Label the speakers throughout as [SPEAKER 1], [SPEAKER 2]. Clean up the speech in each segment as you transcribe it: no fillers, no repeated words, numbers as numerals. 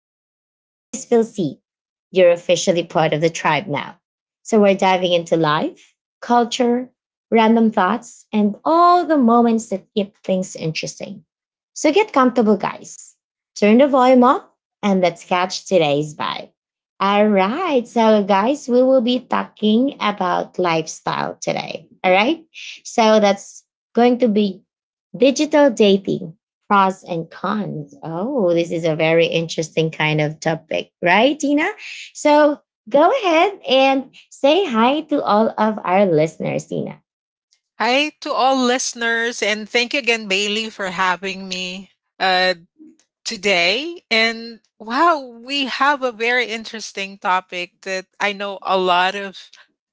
[SPEAKER 1] laugh, or just feel seen, you're officially part of the tribe now. So, we're diving into life, culture, random thoughts, and all the moments that keep things interesting. So, get comfortable, guys. Turn the volume up and let's catch today's vibe. All right. So, guys, we will be talking about lifestyle today. All right. So, that's going to be digital dating pros and cons. Oh, this is a very interesting kind of topic, right, Tina? So go ahead and say hi to all of our listeners, Tina.
[SPEAKER 2] Hi to all listeners, and thank you again, Bailey, for having me. Uh, Today. And wow, we have a very interesting topic that I know a lot of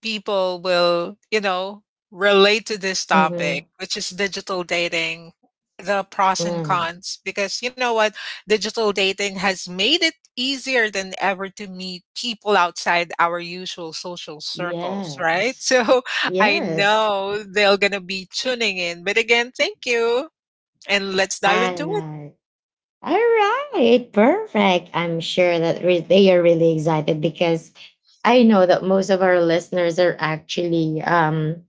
[SPEAKER 2] people will, relate to this
[SPEAKER 1] Mm-hmm.
[SPEAKER 2] topic, which is digital dating, the pros and
[SPEAKER 1] Mm.
[SPEAKER 2] cons. Because you know what? Digital dating has made it easier than ever to meet people outside our usual social circles, right?
[SPEAKER 1] Yes.
[SPEAKER 2] So I
[SPEAKER 1] Yes.
[SPEAKER 2] know they're going to be tuning in. But again, thank you. And let's dive into it.
[SPEAKER 1] And All right, perfect. I'm sure that they are really excited because I know that most of our listeners are actually um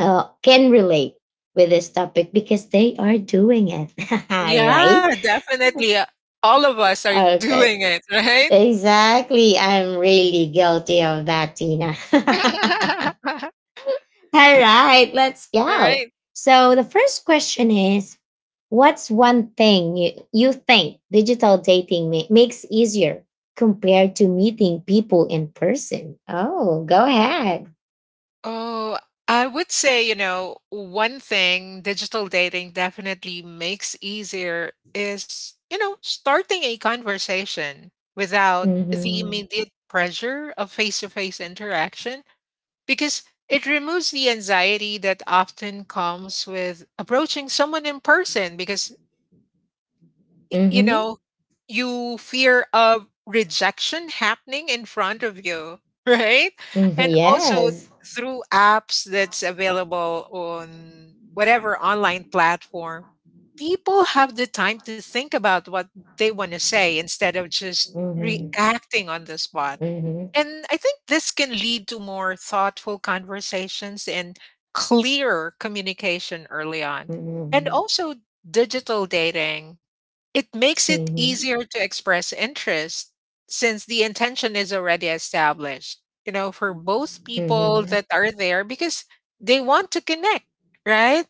[SPEAKER 1] uh, can relate with this topic because they are doing it, right?
[SPEAKER 2] Yeah, definitely. All of us are
[SPEAKER 1] Okay,
[SPEAKER 2] doing it, right?
[SPEAKER 1] exactly. I'm really guilty of that, Tina. All right, let's go.
[SPEAKER 2] Right.
[SPEAKER 1] So the first question is, what's one thing you think digital dating makes easier compared to meeting people in person? Oh, go ahead.
[SPEAKER 2] Oh, I would say, one thing digital dating definitely makes easier is, starting a conversation without the
[SPEAKER 1] Mm-hmm.
[SPEAKER 2] immediate pressure of face-to-face interaction because it removes the anxiety that often comes with approaching someone in person because Y you
[SPEAKER 1] Mm-hmm.
[SPEAKER 2] know, you fear of rejection happening in front of you, right?
[SPEAKER 1] hmm
[SPEAKER 2] And also
[SPEAKER 1] Yes.
[SPEAKER 2] through apps that's available on whatever online platform, people have the time to think about what they want to say instead of just
[SPEAKER 1] Mm-hmm.
[SPEAKER 2] reacting on the spot.
[SPEAKER 1] Mm-hmm.
[SPEAKER 2] And I think this can lead to more thoughtful conversations and clearer communication early on. And
[SPEAKER 1] Mhm.
[SPEAKER 2] also, digital dating, it makes it
[SPEAKER 1] Mhm.
[SPEAKER 2] easier to express interest since the intention is already established, for both people
[SPEAKER 1] Mhm.
[SPEAKER 2] that are there because they want to connect, right?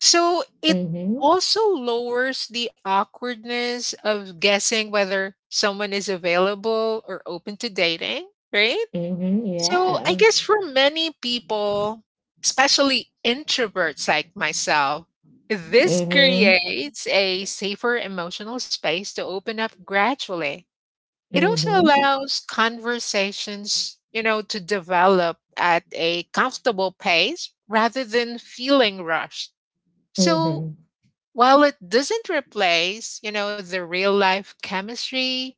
[SPEAKER 2] So it
[SPEAKER 1] Mhm.
[SPEAKER 2] also lowers the awkwardness of guessing whether someone is available or open to dating, right?
[SPEAKER 1] Mhm.
[SPEAKER 2] So I
[SPEAKER 1] Yeah.
[SPEAKER 2] guess for many people, especially introverts like myself, this
[SPEAKER 1] Mhm.
[SPEAKER 2] creates a safer emotional space to open up gradually. It also
[SPEAKER 1] Mhm.
[SPEAKER 2] allows conversations, to develop at a comfortable pace rather than feeling rushed. So
[SPEAKER 1] Mhm.
[SPEAKER 2] while it doesn't replace, the real life chemistry,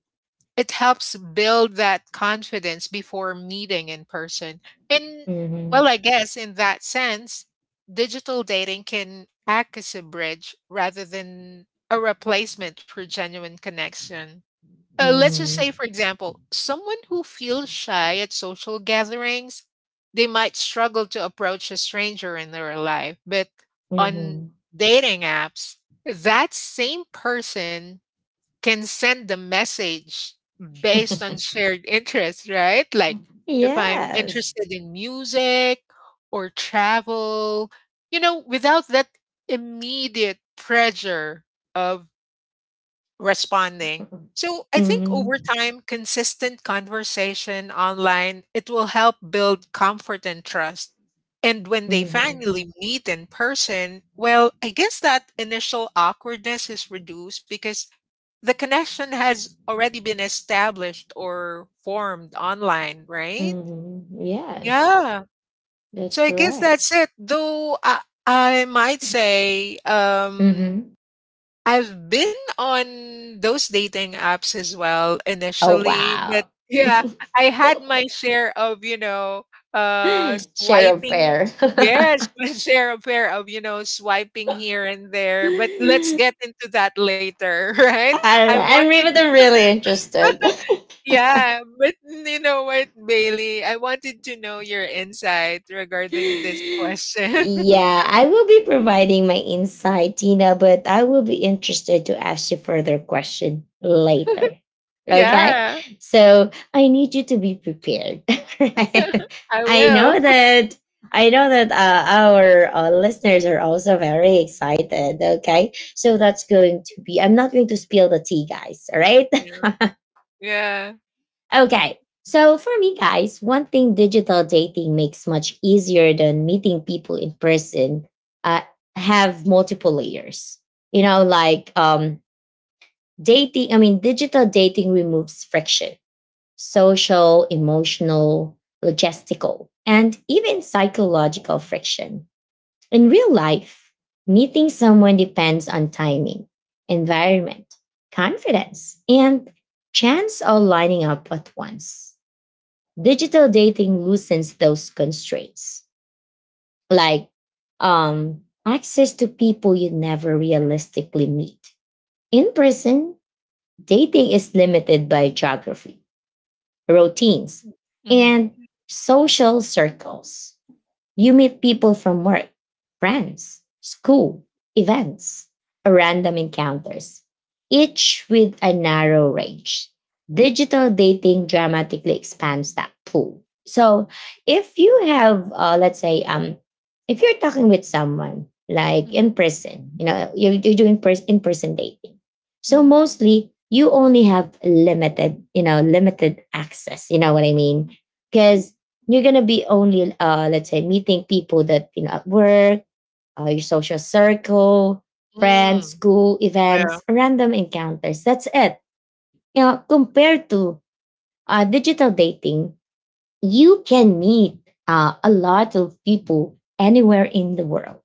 [SPEAKER 2] it helps build that confidence before meeting in person. And well,
[SPEAKER 1] Mhm.
[SPEAKER 2] I guess in that sense, digital dating can act as a bridge rather than a replacement for genuine connection. Let's just say, for
[SPEAKER 1] Mhm.
[SPEAKER 2] example, someone who feels shy at social gatherings, they might struggle to approach a stranger in their life. But on
[SPEAKER 1] Mhm.
[SPEAKER 2] dating apps, that same person can send a message based on shared interests, right? Like if I'm
[SPEAKER 1] Yes.
[SPEAKER 2] interested in music or travel, without that immediate pressure of responding. So, I think
[SPEAKER 1] Mhm.
[SPEAKER 2] over time, consistent conversation online, it will help build comfort and trust. And when they
[SPEAKER 1] Mhm.
[SPEAKER 2] finally meet in person, well, I guess that initial awkwardness is reduced because the connection has already been established or formed online, right?
[SPEAKER 1] Mhm. Yes.
[SPEAKER 2] Yeah.
[SPEAKER 1] That's
[SPEAKER 2] So I guess
[SPEAKER 1] correct.
[SPEAKER 2] that's it. Though I might say,
[SPEAKER 1] Mhm.
[SPEAKER 2] I've been on those dating apps as well
[SPEAKER 1] Oh
[SPEAKER 2] initially, but
[SPEAKER 1] wow.
[SPEAKER 2] yeah, I had my share of,
[SPEAKER 1] Share a
[SPEAKER 2] swiping.
[SPEAKER 1] fair.
[SPEAKER 2] Yes, my share of pair of, swiping here and there. But let's get into that later, right?
[SPEAKER 1] I
[SPEAKER 2] I
[SPEAKER 1] don't know. I'm
[SPEAKER 2] wanted.
[SPEAKER 1] even really interested.
[SPEAKER 2] Yeah, but you know what, Bailey? I wanted to know your insight regarding this question.
[SPEAKER 1] Yeah, I will be providing my insight, Tina, but I will be interested to ask you further question later. Okay?
[SPEAKER 2] Yeah.
[SPEAKER 1] So I need you to be prepared. right?
[SPEAKER 2] I
[SPEAKER 1] I
[SPEAKER 2] will.
[SPEAKER 1] know that I know that our listeners are also very excited. Okay, so that's going to be. I'm not going to spill the tea, guys. All right,
[SPEAKER 2] Yeah. Yeah.
[SPEAKER 1] Okay. So for me, guys, one thing digital dating makes much easier than meeting people in person uh, have multiple layers. You know, like digital dating removes friction, social, emotional, logistical, and even psychological friction. In real life, meeting someone depends on timing, environment, confidence, and chance all lining up at once. Digital dating loosens those constraints, like access to people you never realistically meet. In person, dating is limited by geography, routines,
[SPEAKER 2] Mm-hmm.
[SPEAKER 1] and social circles. You meet people from work, friends, school, events, or random encounters, each with a narrow range. Digital dating dramatically expands that pool. So, if you have, let's say, if you're talking with someone like
[SPEAKER 2] Mm-hmm.
[SPEAKER 1] in person, you know, you're doing in person dating. So mostly you only have limited, you know, limited access. You know what I mean? Because you're gonna be only let's say meeting people that you know at work, your social circle, friends,
[SPEAKER 2] Mm.
[SPEAKER 1] school,
[SPEAKER 2] Yeah.
[SPEAKER 1] events, random encounters, that's it, you know, compared to digital dating. You can meet a lot of people anywhere in the world,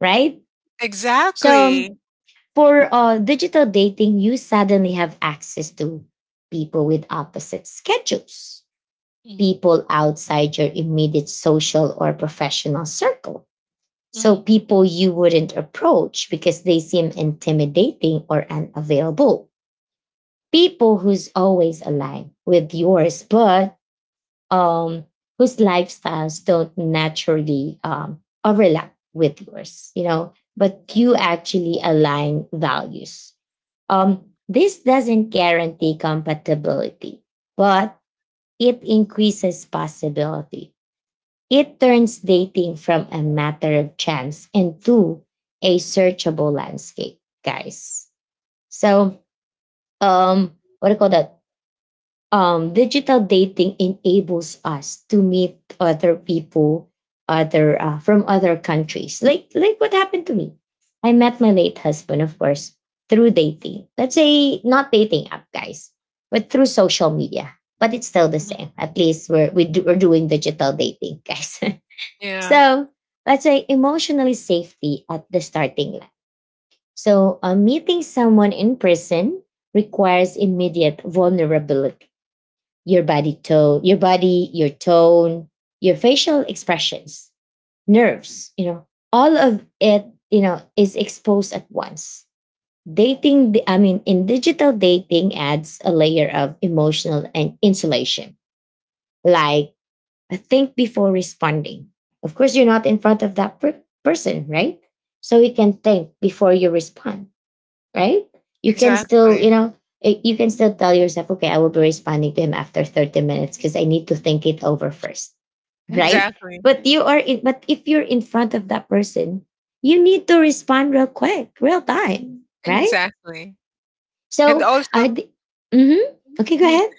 [SPEAKER 1] right? So
[SPEAKER 2] Exactly.
[SPEAKER 1] for digital dating, you suddenly have access to people with opposite schedules,
[SPEAKER 2] Mhm,
[SPEAKER 1] people outside your immediate social or professional circle. So
[SPEAKER 2] mhm,
[SPEAKER 1] people you wouldn't approach because they seem intimidating or unavailable. People who's always aligned with yours, but um, whose lifestyles don't naturally overlap with yours, you know, but you actually align values. This doesn't guarantee compatibility, but it increases possibility. It turns dating from a matter of chance into a searchable landscape, guys. So, um, what do you call that? Digital dating enables us to meet other people, other from other countries. Like what happened to me. I met my late husband, of course, through dating. Let's say not dating app, guys, but through social media. But it's still the
[SPEAKER 2] mhm.
[SPEAKER 1] same. At least we're doing digital dating, guys.
[SPEAKER 2] Yeah.
[SPEAKER 1] So let's say emotionally safety at the starting line. So meeting someone in person requires immediate vulnerability. Your body, your tone, your facial expressions, nerves, you know, all of it, you know, is exposed at once. In digital dating adds a layer of emotional and insulation. Like think before responding. Of course, you're not in front of that person, right? So you can think before you respond, right? You can still,
[SPEAKER 2] Exactly.
[SPEAKER 1] you know, you can still tell yourself, okay, I will be responding to him after 30 minutes because I need to think it over first, right?
[SPEAKER 2] Exactly.
[SPEAKER 1] But if you're in front of that person, you need to respond real quick, real time, right?
[SPEAKER 2] Exactly. And
[SPEAKER 1] So, I,
[SPEAKER 2] also,
[SPEAKER 1] d- mm-hmm. Okay, go
[SPEAKER 2] mhm,
[SPEAKER 1] ahead.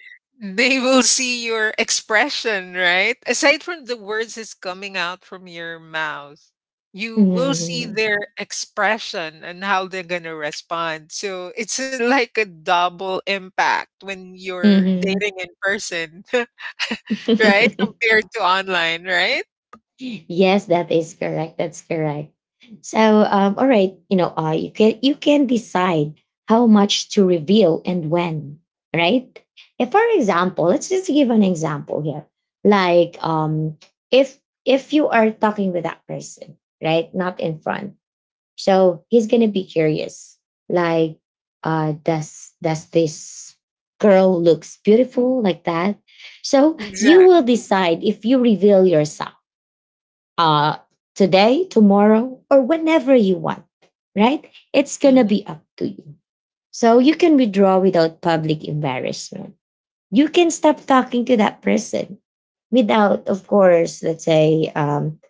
[SPEAKER 2] they will see your expression, right? Aside from the words that's coming out from your mouth, you will see
[SPEAKER 1] Mm-hmm.
[SPEAKER 2] their expression and how they're gonna respond. So it's like a double impact when you're dating in person, right?
[SPEAKER 1] Mm-hmm.
[SPEAKER 2] Compared to online, right?
[SPEAKER 1] Yes, that is correct. That's correct. So, all right, you know, you can decide how much to reveal and when, right? If, for example, let's just give an example here. Like, if if you are talking with that person, right, not in front, so he's gonna be curious. Like, does this girl looks beautiful like that? So you will
[SPEAKER 2] Exactly.
[SPEAKER 1] decide if you reveal yourself uh, today, tomorrow, or whenever you want, right? It's going to be
[SPEAKER 2] Mhm,
[SPEAKER 1] up to you. So you can withdraw without public embarrassment. You can stop talking to that person without, of course, let's say, um,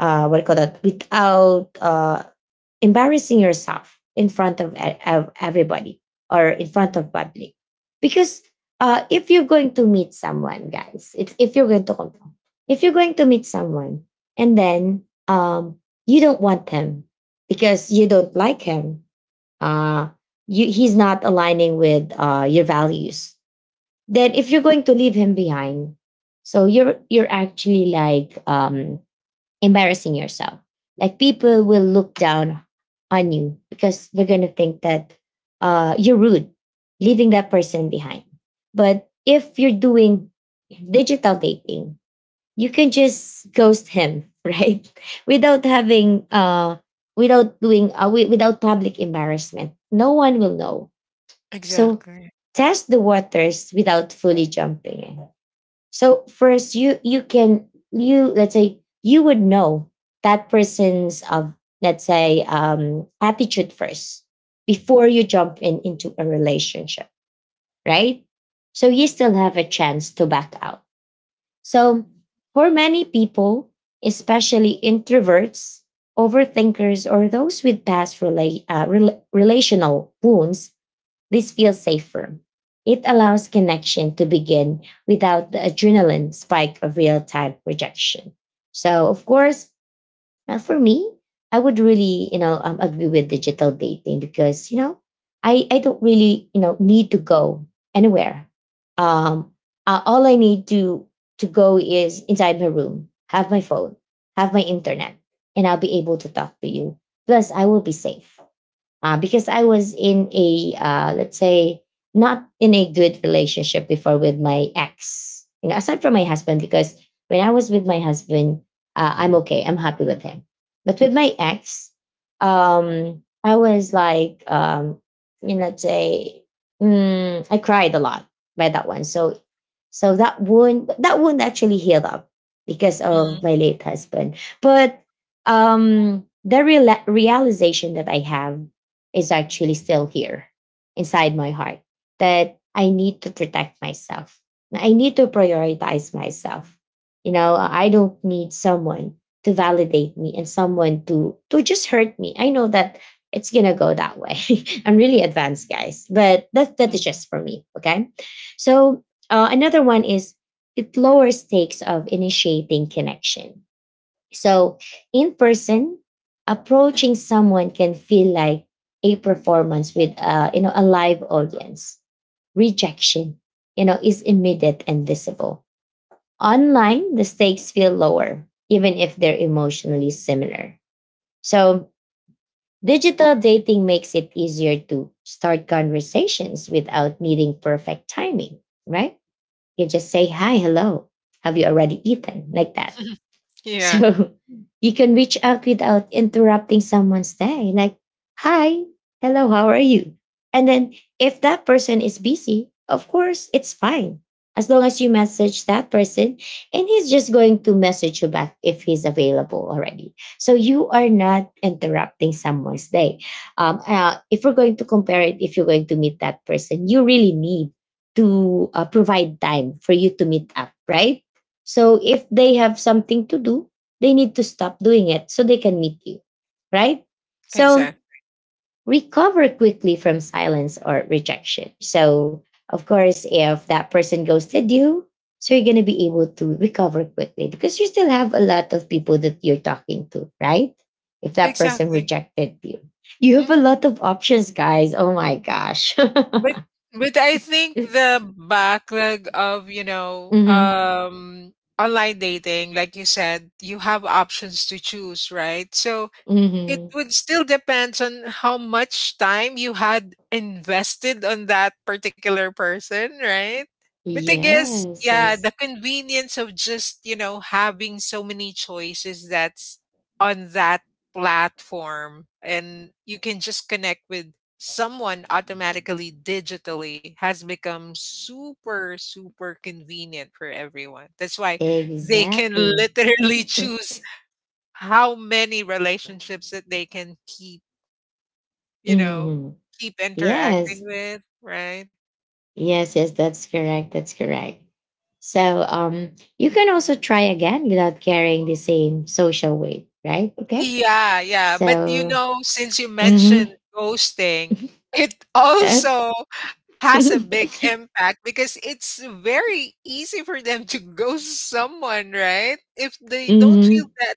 [SPEAKER 1] uh, what do you call that? Without embarrassing yourself in front of, of everybody or in front
[SPEAKER 2] mhm.
[SPEAKER 1] of public. Because if you're going to meet someone, guys, it's if you're going to confront if you're going to meet someone and then, um, you don't want him because you don't like him, uh, he's not aligning with your values, then if you're going to leave him behind, so you're actually like embarrassing yourself. Like people will look down on you because they're going to think that you're rude, leaving that person behind. But if you're doing digital dating, you can just ghost him, right? Without having, without doing, wi- without public embarrassment. No one will know. So
[SPEAKER 2] Exactly.
[SPEAKER 1] test the waters without fully jumping in. So first, you can you let's say you would know that person's of, let's say, attitude first before you jump in into a relationship, right? So you still have a chance to back out. So for many people, especially introverts, overthinkers, or those with past relational wounds, this feels safer. It allows connection to begin without the adrenaline spike of real time rejection. So, of course, for me, I would really, you know, agree with digital dating because, you know, I don't really, you know, need to go anywhere. Um, all I need to go is inside my room, have my phone, have my internet, and I'll be able to talk to you. Plus, I will be safe because I was in a, let's say, not in a good relationship before with my ex. You know, aside from my husband, because when I was with my husband, I'm okay, I'm happy with him. But with my ex, I was like, you know, let's say, I cried a lot by that one. So, so that wound actually healed up because of my
[SPEAKER 2] Mhm,
[SPEAKER 1] late husband. But the realization that I have is actually still here inside my heart, that I need to protect myself. I need to prioritize myself. You know, I don't need someone to validate me and someone to just hurt me. I know that it's gonna go that way. I'm really advanced, guys, but that is
[SPEAKER 2] mm.
[SPEAKER 1] just for me. Okay, so another one is it lowers stakes of initiating connection. So, in person, approaching someone can feel like a performance with, you know, a live audience. Rejection, you know, is immediate and visible. Online, the stakes feel lower, even if they're emotionally similar. So, digital dating makes it easier to start conversations without needing perfect timing, right? You just say hi, hello. Have you already eaten? Like that.
[SPEAKER 2] Yeah,
[SPEAKER 1] So you can reach out without interrupting someone's day, like, hi, hello, how are you? And then if that person is busy, of course, it's fine. As long as you message that person and he's just going to message you back if he's available already. So you are not interrupting someone's day. If we're going to compare it, if you're going to meet that person, you really need to provide time for you to meet up, right? So if they have something to do, they need to stop doing it so they can meet you, right? So
[SPEAKER 2] exact
[SPEAKER 1] recover quickly from silence or rejection. So, of course, if that person ghosted you, so you're going to be able to recover quickly because you still have a lot of people that you're talking to, right? If that person
[SPEAKER 2] exactly.
[SPEAKER 1] rejected you, you have a lot
[SPEAKER 2] Mhm.
[SPEAKER 1] of options, guys. Oh my gosh.
[SPEAKER 2] But but I think the backlog of, you know,
[SPEAKER 1] hmm
[SPEAKER 2] online dating, like you said, you have options to choose, right? So it
[SPEAKER 1] hmm
[SPEAKER 2] would still depends on how much time you had invested on that particular person, right? But I guess,
[SPEAKER 1] Yes,
[SPEAKER 2] yeah,
[SPEAKER 1] yes,
[SPEAKER 2] the convenience of just, having so many choices that's on that platform and you can just connect with someone automatically digitally has become super, super convenient for everyone. That's why they can
[SPEAKER 1] exactly.
[SPEAKER 2] literally choose how many relationships that they can you know,
[SPEAKER 1] Mhm.
[SPEAKER 2] keep
[SPEAKER 1] Yes.
[SPEAKER 2] interacting with, right?
[SPEAKER 1] Yes, yes, that's correct. That's correct. So um, you can also try again without carrying the same social weight, right? Okay.
[SPEAKER 2] Yeah, yeah, but, you
[SPEAKER 1] So,
[SPEAKER 2] know, since you mentioned
[SPEAKER 1] mm-hmm.
[SPEAKER 2] ghosting, it also has a big impact because it's very easy for them to ghost someone, right? If they don't feel
[SPEAKER 1] hmm
[SPEAKER 2] that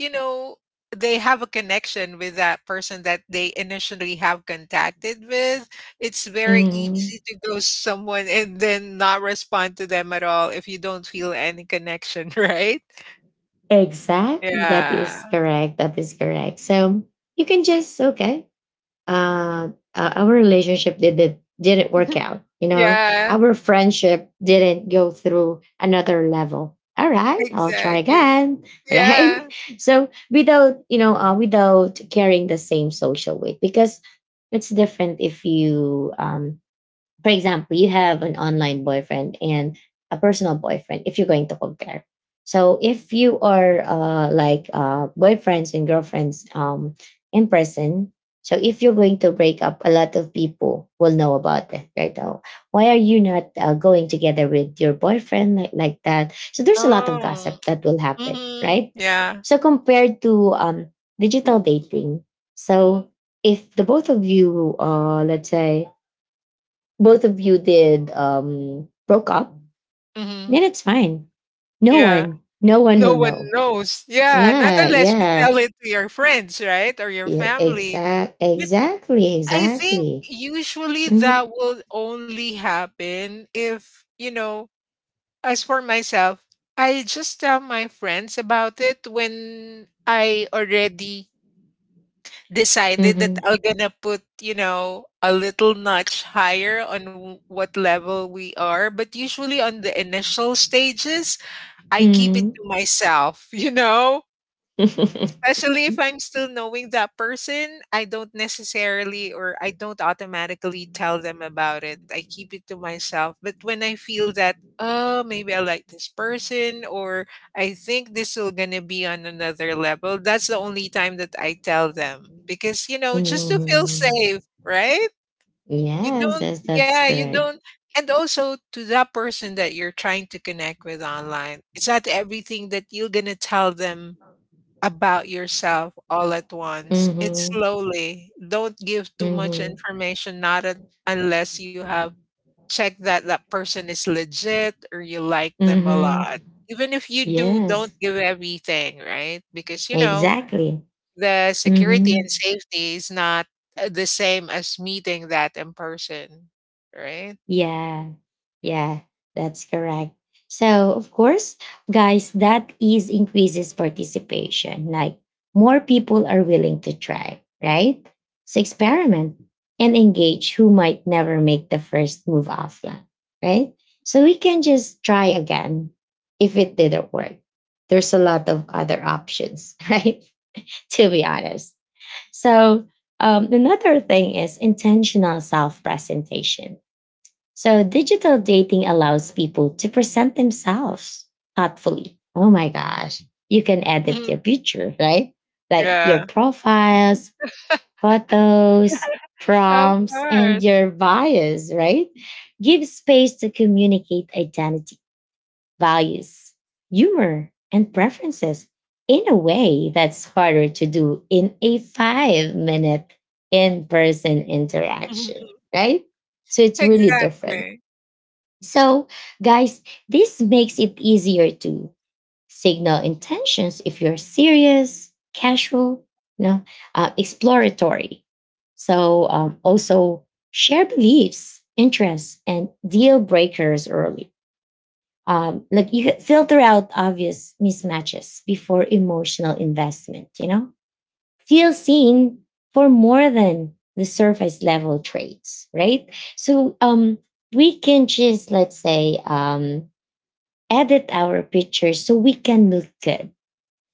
[SPEAKER 2] you know, they have a connection with that person that they initially have contacted with. It's very easy
[SPEAKER 1] hmm
[SPEAKER 2] to go someone and then not respond to them at all if you don't feel any connection, right?
[SPEAKER 1] exactly. That
[SPEAKER 2] Yeah.
[SPEAKER 1] is correct. That is correct. So you can just, okay, uh, our relationship didn't work out. You know,
[SPEAKER 2] Yeah,
[SPEAKER 1] our friendship didn't go through another level. All right, I'll try
[SPEAKER 2] exactly.
[SPEAKER 1] again. Right?
[SPEAKER 2] Yeah.
[SPEAKER 1] So without without carrying the same social weight, because it's different if you for example, you have an online boyfriend and a personal boyfriend if you're going to compare. So if you are like boyfriends and girlfriends in person, so if you're going to break up, a lot of people will know about it, right? Oh, why are you not going together with your boyfriend like that? So there's a lot of
[SPEAKER 2] Oh.
[SPEAKER 1] gossip that will happen,
[SPEAKER 2] Hmm,
[SPEAKER 1] right?
[SPEAKER 2] yeah.
[SPEAKER 1] So compared to digital dating, so if the both of you, let's say, both of you did broke up,
[SPEAKER 2] Hmm,
[SPEAKER 1] then it's fine. No
[SPEAKER 2] yeah.
[SPEAKER 1] one, no one
[SPEAKER 2] No
[SPEAKER 1] will
[SPEAKER 2] one
[SPEAKER 1] know.
[SPEAKER 2] knows. Yeah, not
[SPEAKER 1] Nah,
[SPEAKER 2] unless you
[SPEAKER 1] yeah,
[SPEAKER 2] tell it to your friends, right? Or your
[SPEAKER 1] yeah,
[SPEAKER 2] family.
[SPEAKER 1] exactly,
[SPEAKER 2] I think
[SPEAKER 1] exactly.
[SPEAKER 2] usually
[SPEAKER 1] Mhm,
[SPEAKER 2] that will only happen if, as for myself, I just tell my friends about it when I already decided that
[SPEAKER 1] mhm,
[SPEAKER 2] I'm gonna put, a little notch higher on what level we are. But usually on the initial stages, I keep it
[SPEAKER 1] mhm.
[SPEAKER 2] to myself, you know? Especially if I'm still knowing that person, I don't necessarily or I don't automatically tell them about it. I keep it to myself. But when I feel that, oh, maybe I like this person or I think this will gonna be on another level, that's the only time that I tell them. Because, just to feel
[SPEAKER 1] Mhm.
[SPEAKER 2] safe, right? You
[SPEAKER 1] Yes,
[SPEAKER 2] don't
[SPEAKER 1] yes, that's
[SPEAKER 2] yeah, you
[SPEAKER 1] correct.
[SPEAKER 2] don't and also to that person that you're trying to connect with online. It's not everything that you're gonna tell them about yourself all at once. It's
[SPEAKER 1] Mm-hmm.
[SPEAKER 2] slowly. Don't give too much
[SPEAKER 1] Mm-hmm.
[SPEAKER 2] information, not unless you have checked that that person is legit or you like them a
[SPEAKER 1] Mm-hmm.
[SPEAKER 2] lot. Even if you do, don't
[SPEAKER 1] Yes,
[SPEAKER 2] give everything, right? Because,
[SPEAKER 1] exactly.
[SPEAKER 2] the security
[SPEAKER 1] Mm-hmm.
[SPEAKER 2] and safety is not the same as meeting that in person, right?
[SPEAKER 1] Yeah, yeah, that's correct. So, of course, guys, that is increases participation. Like more people are willing to try, right? So, experiment and engage who might never make the first move offline, right? So, we can just try again if it didn't work. There's a lot of other options, right? To be honest. So, Another thing is intentional self presentation so digital dating allows people to present themselves thoughtfully. Oh my gosh. You can edit your picture, right? Like your
[SPEAKER 2] Yeah,
[SPEAKER 1] profiles, photos,
[SPEAKER 2] of
[SPEAKER 1] prompts, and
[SPEAKER 2] course.
[SPEAKER 1] your bios, right? Give space to communicate identity, values, humor, and preferences in a way that's harder to do in a 5-minute in person interaction, right? So it's really different
[SPEAKER 2] Exactly.
[SPEAKER 1] so, guys, this makes it easier to signal intentions if you're serious, casual, you know, exploratory. Also share beliefs, interests, and deal breakers early. Like you could filter out obvious mismatches before emotional investment, you know? Feel seen for more than the surface level traits, right? So, um, we can just, let's say, edit our pictures so we can look good,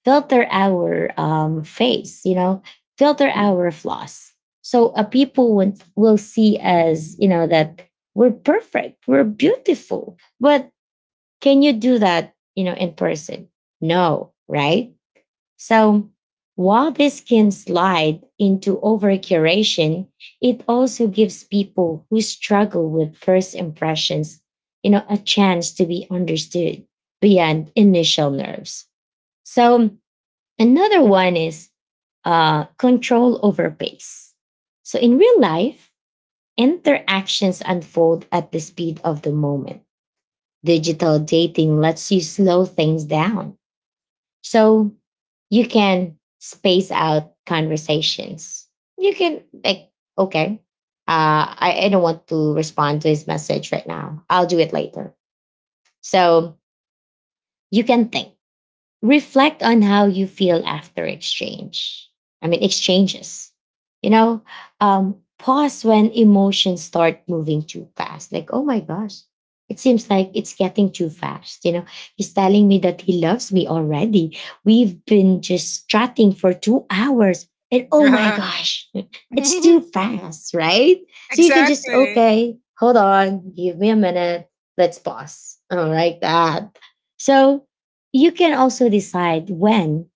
[SPEAKER 1] filter our face, you know, filter our flaws so people will see us, you know, that we're perfect, we're beautiful, but can you do that, you know, in person? No, right? So while this can slide into over curation, it also gives people who struggle with first impressions, you know, a chance to be understood beyond initial nerves. So another one is control over pace. So in real life, interactions unfold at the speed of the moment. Digital dating lets you slow things down so you can space out conversations. You can like, okay, I don't want to respond to his message right now. I'll do it later. So you can think, reflect on how you feel after exchange. I mean, exchanges. You know, pause when emotions start moving too fast. Like, oh my gosh, it seems like it's getting too fast. You know, he's telling me that he loves me already. We've been just chatting for 2 hours. And oh my gosh, it's too fast, right? So you can just,
[SPEAKER 2] Exactly.
[SPEAKER 1] okay, hold on, give me a minute, let's pause. I don't like that. So you can also decide when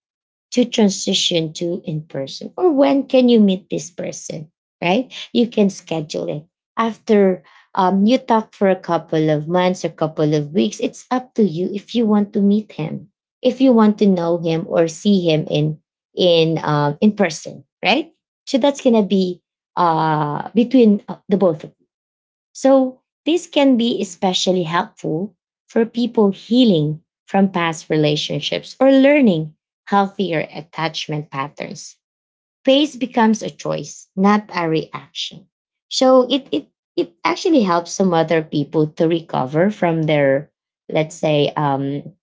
[SPEAKER 1] to transition to in person or when can you meet this person, right? You can schedule it after you talk for a couple of months or couple of weeks. It's up to you if you want to meet him, if you want to know him or see him in in person, right? So that's gonna be between the both of so, this can be especially helpful for people healing from past relationships or learning healthier attachment patterns. Praise becomes a choice, not a reaction. So, it actually helps some other people to recover from their, let's say,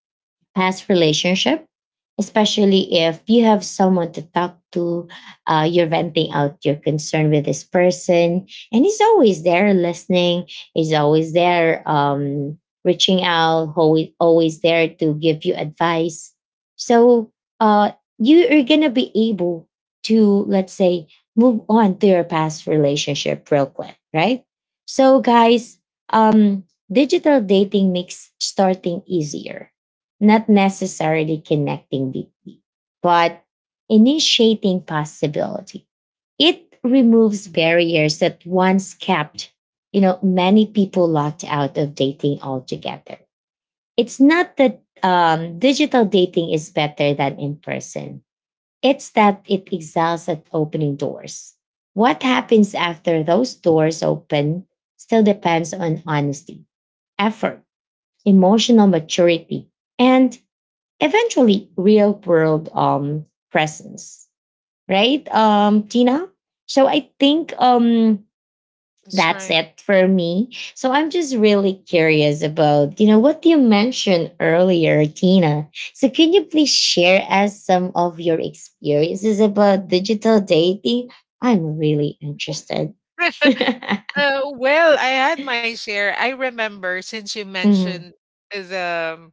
[SPEAKER 1] past relationship, especially if you have someone to talk to, you're venting out your concern with this person, and he's always there listening, he's always there reaching out, always, always there to give you advice. So uh, you are going to be able to, let's say, move on to your past relationship real quick, right? So, guys, um, digital dating makes starting easier, not necessarily connecting deeply, but initiating possibility. It removes barriers that once kept, you know, many people locked out of dating altogether. It's not that digital dating is better than in person. It's that it excels at opening doors. What happens after those doors open still depends on honesty, effort, emotional maturity, and eventually real world presence, right? Tina, so I think
[SPEAKER 2] That's
[SPEAKER 1] that's
[SPEAKER 2] right.
[SPEAKER 1] it for me. So I'm just really curious about, you know, what you mentioned earlier, Tina. So can you please share us some of your experiences about digital dating? I'm really interested. mm-hmm,
[SPEAKER 2] Well, I had my share. I remember since you mentioned the,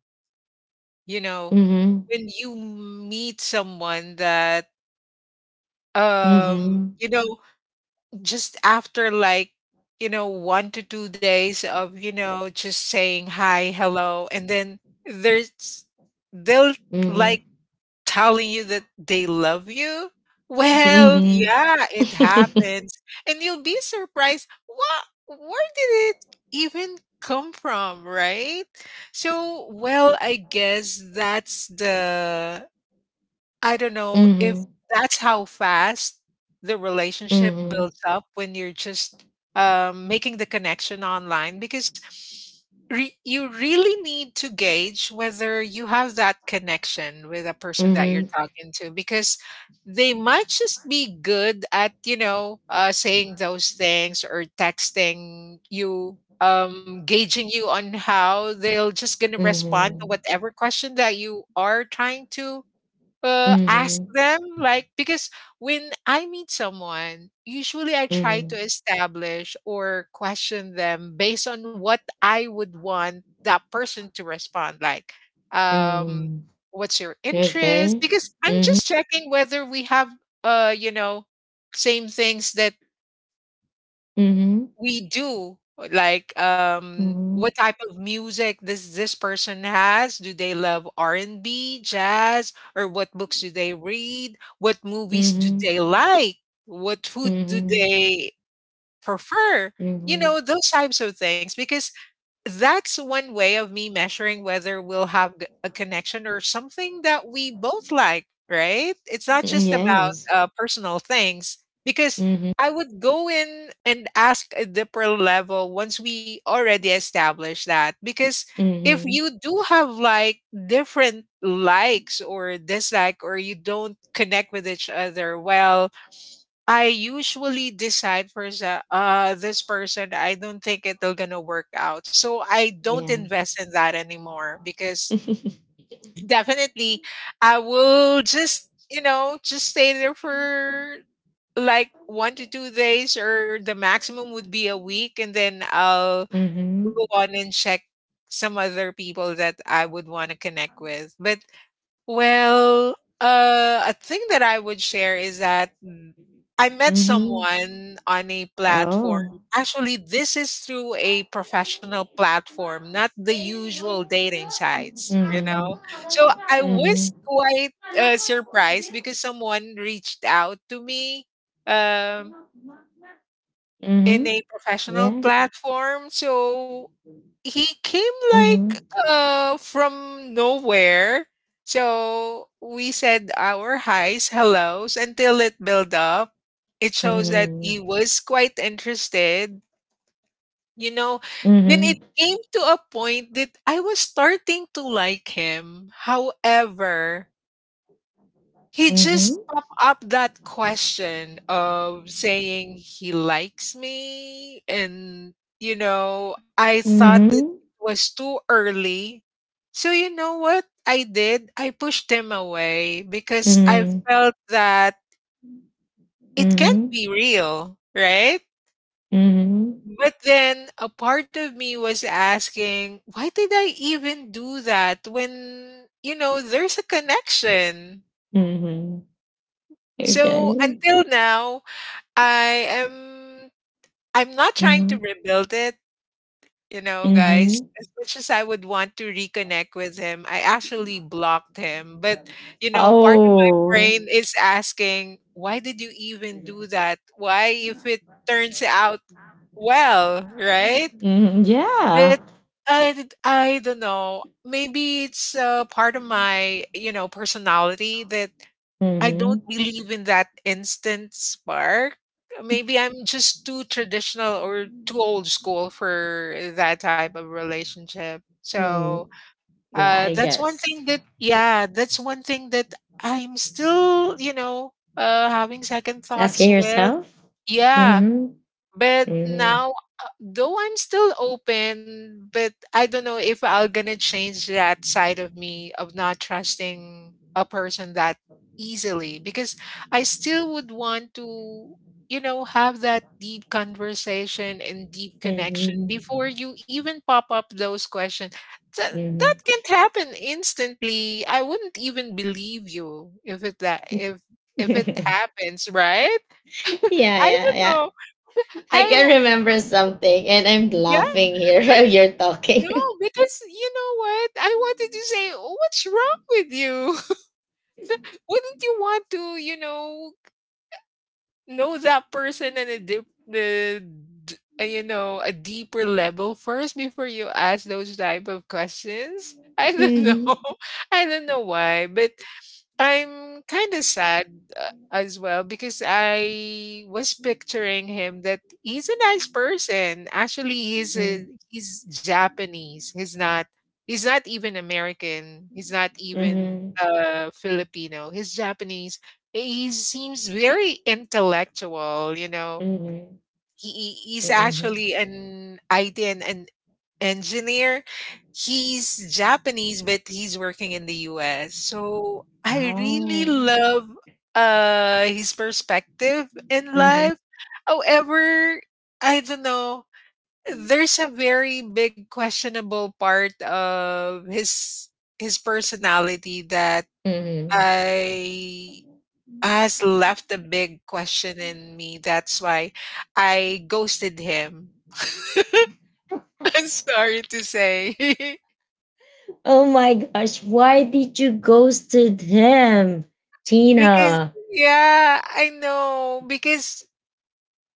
[SPEAKER 2] you know,
[SPEAKER 1] mm-hmm,
[SPEAKER 2] when you meet someone that, um,
[SPEAKER 1] mm-hmm,
[SPEAKER 2] you know, just after 1 to 2 days of, you know, just saying hi, hello, and then there's, they'll
[SPEAKER 1] mm-hmm,
[SPEAKER 2] like telling you that they love you? Well,
[SPEAKER 1] mm-hmm,
[SPEAKER 2] yeah, it happens. And you'll be surprised. What where did it even come from, right? So, well, I guess that's the I don't know if
[SPEAKER 1] mm-hmm,
[SPEAKER 2] that's how fast the relationship
[SPEAKER 1] mm-hmm,
[SPEAKER 2] builds up when you're just making the connection online because you really need to gauge whether you have that connection with a person that
[SPEAKER 1] mm-hmm,
[SPEAKER 2] you're talking to because they might just be good at saying those things or texting you gauging you on how they'll just gonna respond to
[SPEAKER 1] Mhm.
[SPEAKER 2] whatever question that you are trying to ask
[SPEAKER 1] Mhm.
[SPEAKER 2] them because when I meet someone, usually I try to
[SPEAKER 1] Mhm.
[SPEAKER 2] establish or question them based on what I would want that person to respond. Like, um,
[SPEAKER 1] Mhm.
[SPEAKER 2] what's your interest?
[SPEAKER 1] Okay.
[SPEAKER 2] Because I'm
[SPEAKER 1] Mhm.
[SPEAKER 2] just checking whether we have uh, you know, same things that
[SPEAKER 1] Mhm.
[SPEAKER 2] we do. Like,
[SPEAKER 1] Mhm.
[SPEAKER 2] what type of music this person has? Do they love R&B, jazz, or what books do they read? What movies do
[SPEAKER 1] Mhm.
[SPEAKER 2] they like? What food do
[SPEAKER 1] Mhm.
[SPEAKER 2] they prefer? You
[SPEAKER 1] Mhm.
[SPEAKER 2] know, those types of things because that's one way of me measuring whether we'll have a connection or something that we both like, right? It's not
[SPEAKER 1] Mm,
[SPEAKER 2] just about
[SPEAKER 1] yes.
[SPEAKER 2] personal things because
[SPEAKER 1] Mhm.
[SPEAKER 2] I would go in and ask a deeper level once we already establish that. Because if
[SPEAKER 1] Mhm.
[SPEAKER 2] you do have like different likes or dislike, or you don't connect with each other well, I usually decide first that this person I don't think it'll gonna work out. So I don't
[SPEAKER 1] Yeah.
[SPEAKER 2] invest in that anymore because definitely I will just you know just stay there for 1 to 2 days or the maximum would be a week and then I'll
[SPEAKER 1] mhm.
[SPEAKER 2] go on and check some other people that I would want to connect with. But well, a thing that I would share is that I met
[SPEAKER 1] Mhm.
[SPEAKER 2] someone on a platform.
[SPEAKER 1] Oh.
[SPEAKER 2] Actually, this is through a professional platform, not the usual dating sites, you
[SPEAKER 1] Mhm.
[SPEAKER 2] know? So I was
[SPEAKER 1] Mhm.
[SPEAKER 2] quite surprised because someone reached out to me um, in
[SPEAKER 1] Mhm.
[SPEAKER 2] a professional
[SPEAKER 1] Yeah.
[SPEAKER 2] platform. So he came like,
[SPEAKER 1] Mhm.
[SPEAKER 2] from nowhere. So we said our highs, hellos until it built up. It shows that he
[SPEAKER 1] Mhm.
[SPEAKER 2] was quite interested, you know? Then it
[SPEAKER 1] Mhm.
[SPEAKER 2] came to a point that I was starting to like him. However he just
[SPEAKER 1] Mhm.
[SPEAKER 2] popped up that question of saying he likes me, and, I thought that
[SPEAKER 1] Mhm.
[SPEAKER 2] it was too early. So you know what I did? I pushed him away because I
[SPEAKER 1] Mhm.
[SPEAKER 2] felt that it can't
[SPEAKER 1] Mhm.
[SPEAKER 2] be real, right?
[SPEAKER 1] Mhm.
[SPEAKER 2] But then a part of me was asking, why did I even do that when, there's a connection?
[SPEAKER 1] Mhm.
[SPEAKER 2] So
[SPEAKER 1] Okay.
[SPEAKER 2] until now, I am I'm not trying to
[SPEAKER 1] Mhm.
[SPEAKER 2] rebuild it, guys.
[SPEAKER 1] Mhm.
[SPEAKER 2] As much as I would want to reconnect with him, I actually blocked him. But, you know, part of my
[SPEAKER 1] Oh.
[SPEAKER 2] brain is asking, why did you even do that? Why if it turns out well, right?
[SPEAKER 1] Mhm.
[SPEAKER 2] But
[SPEAKER 1] Yeah.
[SPEAKER 2] I don't know. Maybe it's part of my personality that I don't
[SPEAKER 1] Mhm.
[SPEAKER 2] believe in that instant spark. Maybe I'm just too traditional or too old school for that type of relationship. So
[SPEAKER 1] Mm. Yeah, I
[SPEAKER 2] that's one
[SPEAKER 1] guess.
[SPEAKER 2] thing that, yeah, that's one thing that I'm still having second thoughts
[SPEAKER 1] Asking
[SPEAKER 2] with.
[SPEAKER 1] yourself.
[SPEAKER 2] Yeah,
[SPEAKER 1] Mhm.
[SPEAKER 2] but
[SPEAKER 1] Mhm.
[SPEAKER 2] now, though I'm still open, but I don't know if I am gonna change that side of me of not trusting a person that easily because I still would want to have that deep conversation and deep connection before
[SPEAKER 1] Mhm.
[SPEAKER 2] you even pop up those questions. That
[SPEAKER 1] Mhm.
[SPEAKER 2] can't happen instantly. I wouldn't even believe you if it happens, right?
[SPEAKER 1] Yeah,
[SPEAKER 2] I
[SPEAKER 1] yeah,
[SPEAKER 2] don't
[SPEAKER 1] yeah.
[SPEAKER 2] know.
[SPEAKER 1] I can
[SPEAKER 2] I
[SPEAKER 1] remember something, and I'm
[SPEAKER 2] yeah,
[SPEAKER 1] laughing here while
[SPEAKER 2] I-
[SPEAKER 1] you're
[SPEAKER 2] no,
[SPEAKER 1] talking.
[SPEAKER 2] because you know what? I wanted to say, what's wrong with you? Wouldn't you want to know that person in a dip, the, d- you know, a deeper level first before you ask those type of questions? I don't
[SPEAKER 1] Mhm.
[SPEAKER 2] know. I don't know why, but I'm kind of sad as well because I was picturing him that he's a nice person. Actually, he's a,
[SPEAKER 1] Mhm.
[SPEAKER 2] he's Japanese. He's not even American. He's not even
[SPEAKER 1] Mhm.
[SPEAKER 2] Filipino. He's Japanese. He seems very intellectual, you know
[SPEAKER 1] Mhm.
[SPEAKER 2] he's
[SPEAKER 1] Mhm.
[SPEAKER 2] actually an IT and an engineer. He's Japanese, but he's working in the US. So I really
[SPEAKER 1] Oh.
[SPEAKER 2] love his perspective in
[SPEAKER 1] Mhm.
[SPEAKER 2] life. However, I don't know. There's a very big questionable part of his personality that
[SPEAKER 1] Mhm.
[SPEAKER 2] I has left a big question in me. That's why I ghosted him. I'm sorry to say.
[SPEAKER 1] Oh my gosh, why did you ghosted him,
[SPEAKER 2] Because
[SPEAKER 1] Tina?
[SPEAKER 2] yeah, I know, because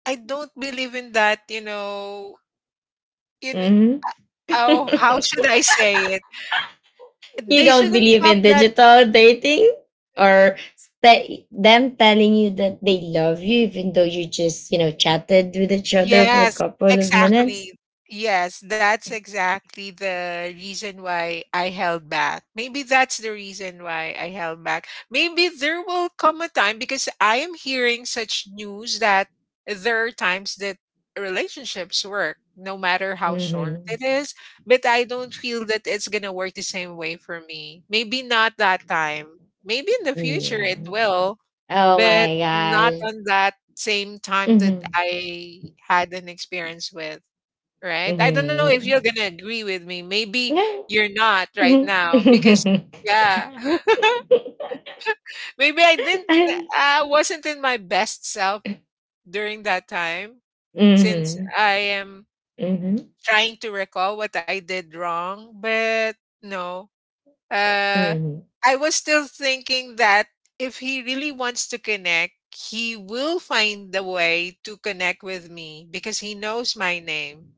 [SPEAKER 2] I don't believe in that, in
[SPEAKER 1] hmm
[SPEAKER 2] oh, how should I say it?
[SPEAKER 1] you
[SPEAKER 2] They
[SPEAKER 1] don't
[SPEAKER 2] shouldn't
[SPEAKER 1] believe
[SPEAKER 2] pop
[SPEAKER 1] in
[SPEAKER 2] that.
[SPEAKER 1] digital dating or them telling you that they love you, even though you just, you know, chatted with each other for a
[SPEAKER 2] Yes,
[SPEAKER 1] couple of minutes?
[SPEAKER 2] exactly. Yes, that's exactly the reason why I held back. Maybe that's the reason why I held back. Maybe there will come a time because I am hearing such news that there are times that relationships work, no matter how short it
[SPEAKER 1] Mm-hmm.
[SPEAKER 2] is, but I don't feel that it's gonna work the same way for me. Maybe not that time. Maybe in the future
[SPEAKER 1] Yeah.
[SPEAKER 2] it will.
[SPEAKER 1] Oh
[SPEAKER 2] But
[SPEAKER 1] my
[SPEAKER 2] not
[SPEAKER 1] gosh.
[SPEAKER 2] on that same time that
[SPEAKER 1] Mm-hmm.
[SPEAKER 2] I had an experience with, right? I don't know if
[SPEAKER 1] Mm-hmm.
[SPEAKER 2] you're gonna agree with me. Maybe
[SPEAKER 1] Yeah.
[SPEAKER 2] you're not right
[SPEAKER 1] Mhm.
[SPEAKER 2] now because yeah. Maybe I didn't I wasn't in my best self during that time since
[SPEAKER 1] Mhm.
[SPEAKER 2] I am
[SPEAKER 1] Mhm.
[SPEAKER 2] trying to recall what I did wrong, but no. uh,
[SPEAKER 1] Mhm.
[SPEAKER 2] I was still thinking that if he really wants to connect, he will find the way to connect with me because he knows my name.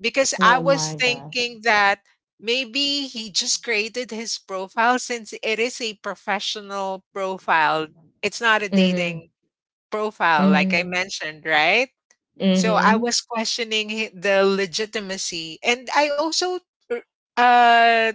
[SPEAKER 2] Because I
[SPEAKER 1] Oh
[SPEAKER 2] was
[SPEAKER 1] my gosh.
[SPEAKER 2] thinking that maybe he just created his profile since it is a professional profile, it's not a
[SPEAKER 1] Mhm.
[SPEAKER 2] dating profile, like I
[SPEAKER 1] Mhm.
[SPEAKER 2] mentioned, right? So I
[SPEAKER 1] Mhm.
[SPEAKER 2] was questioning the legitimacy. And uh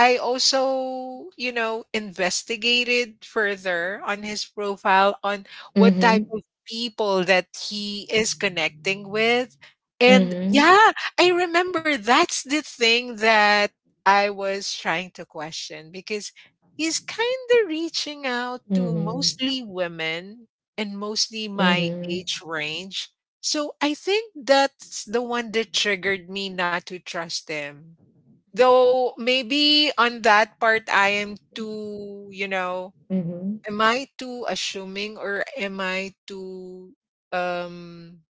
[SPEAKER 2] I also investigated further on his profile on what type
[SPEAKER 1] Mhm.
[SPEAKER 2] of people that he is connecting with. And
[SPEAKER 1] Mhm.
[SPEAKER 2] yeah, I remember that's the thing that I was trying to question because he's kind of reaching out to
[SPEAKER 1] Mhm.
[SPEAKER 2] mostly women and mostly my
[SPEAKER 1] Mhm.
[SPEAKER 2] age range. So I think that's the one that triggered me not to trust him. Though maybe on that part I am too, you know,
[SPEAKER 1] Mhm.
[SPEAKER 2] Am I too assuming or am I too um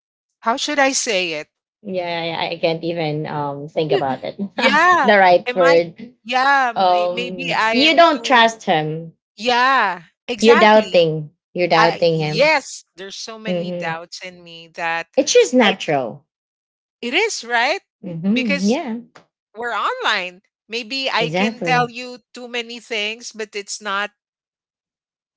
[SPEAKER 2] how should I say it?
[SPEAKER 1] Yeah, yeah, I can't even think about it.
[SPEAKER 2] Yeah.
[SPEAKER 1] The right
[SPEAKER 2] Am I
[SPEAKER 1] word.
[SPEAKER 2] yeah, maybe I
[SPEAKER 1] You
[SPEAKER 2] am
[SPEAKER 1] don't
[SPEAKER 2] too.
[SPEAKER 1] trust him.
[SPEAKER 2] Yeah,
[SPEAKER 1] You're
[SPEAKER 2] exactly.
[SPEAKER 1] doubting. You're
[SPEAKER 2] I
[SPEAKER 1] doubting him.
[SPEAKER 2] yes, there's so many
[SPEAKER 1] Mm-hmm.
[SPEAKER 2] doubts in me that
[SPEAKER 1] It's just
[SPEAKER 2] I
[SPEAKER 1] natural.
[SPEAKER 2] it is, right?
[SPEAKER 1] Mm-hmm.
[SPEAKER 2] Because
[SPEAKER 1] Yeah,
[SPEAKER 2] we're online. Maybe I can
[SPEAKER 1] exactly.
[SPEAKER 2] tell you too many things, but it's not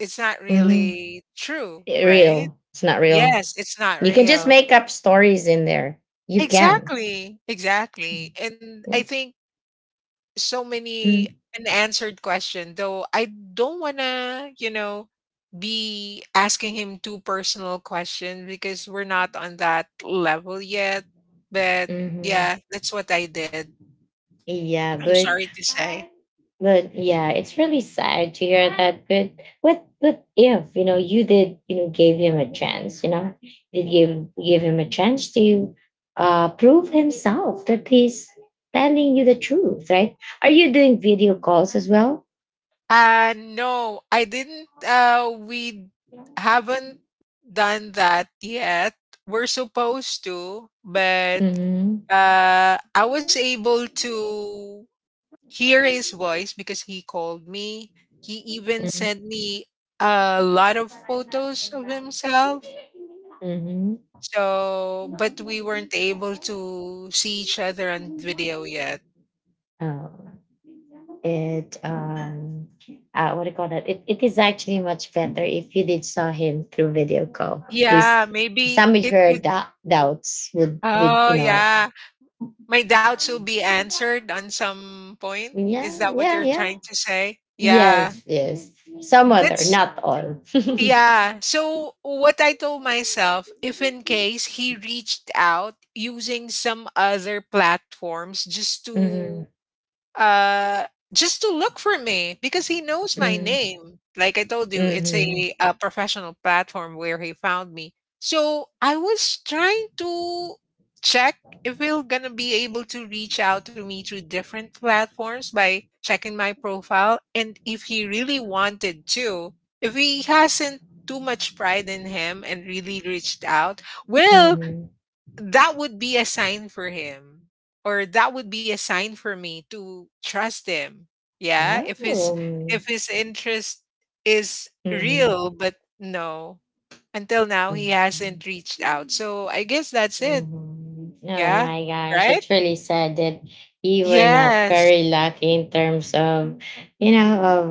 [SPEAKER 2] It's not
[SPEAKER 1] Mm-hmm.
[SPEAKER 2] really true, right?
[SPEAKER 1] Real. It's not real.
[SPEAKER 2] Yes, it's not
[SPEAKER 1] You can just
[SPEAKER 2] real.
[SPEAKER 1] make up stories in there. You can.
[SPEAKER 2] Exactly, exactly. And I think so many unanswered question, though I don't wanna be asking him too personal questions because we're not on that level yet. But
[SPEAKER 1] Mm-hmm.
[SPEAKER 2] yeah, that's what I did.
[SPEAKER 1] Yeah,
[SPEAKER 2] I'm sorry to say.
[SPEAKER 1] but yeah, it's really sad to hear that. But what but if you know you did, you know, gave him a chance, you know, did give him a chance to prove himself that he's telling you the truth, right? Are you doing video calls as well?
[SPEAKER 2] No, I didn't. We haven't done that yet. We're supposed to, but
[SPEAKER 1] Mm-hmm.
[SPEAKER 2] uh, I was able to hear his voice because he called me. He even sent me a lot of photos of himself.
[SPEAKER 1] Mm-hmm.
[SPEAKER 2] So, but we weren't able to see each other on video yet.
[SPEAKER 1] Oh, it what do you call that, it is actually much better if you did saw him through video call, at least
[SPEAKER 2] Yeah, maybe
[SPEAKER 1] some of
[SPEAKER 2] it
[SPEAKER 1] your
[SPEAKER 2] would.
[SPEAKER 1] doubts would, you
[SPEAKER 2] Oh,
[SPEAKER 1] know.
[SPEAKER 2] yeah. My doubts will be answered on some point.
[SPEAKER 1] Yeah,
[SPEAKER 2] Is that what
[SPEAKER 1] yeah,
[SPEAKER 2] you're
[SPEAKER 1] yeah,
[SPEAKER 2] trying to say? Yeah.
[SPEAKER 1] yes, yes, some other,
[SPEAKER 2] That's
[SPEAKER 1] not all.
[SPEAKER 2] yeah. So what I told myself, if in case he reached out using some other platforms just to
[SPEAKER 1] Mm-hmm.
[SPEAKER 2] uh, look for me because he knows my
[SPEAKER 1] Mm-hmm.
[SPEAKER 2] name. Like I told you, it's
[SPEAKER 1] Mm-hmm.
[SPEAKER 2] a professional platform where he found me. So I was trying to check if he'll gonna be able to reach out to me through different platforms by checking my profile and if he really wanted to, if he hasn't too much pride in him and really reached out, well, that would be a sign for him or that would be a sign for me to trust him. Yeah,
[SPEAKER 1] Yeah.
[SPEAKER 2] if
[SPEAKER 1] Mm-hmm.
[SPEAKER 2] his
[SPEAKER 1] Oh.
[SPEAKER 2] if his interest is real. But no, until now he
[SPEAKER 1] Mm-hmm.
[SPEAKER 2] hasn't reached out, so I guess that's it.
[SPEAKER 1] Mhm. Oh
[SPEAKER 2] Yeah.
[SPEAKER 1] my gosh,
[SPEAKER 2] Right.
[SPEAKER 1] it's really sad that you were not
[SPEAKER 2] Yes.
[SPEAKER 1] very lucky in terms of, you know, of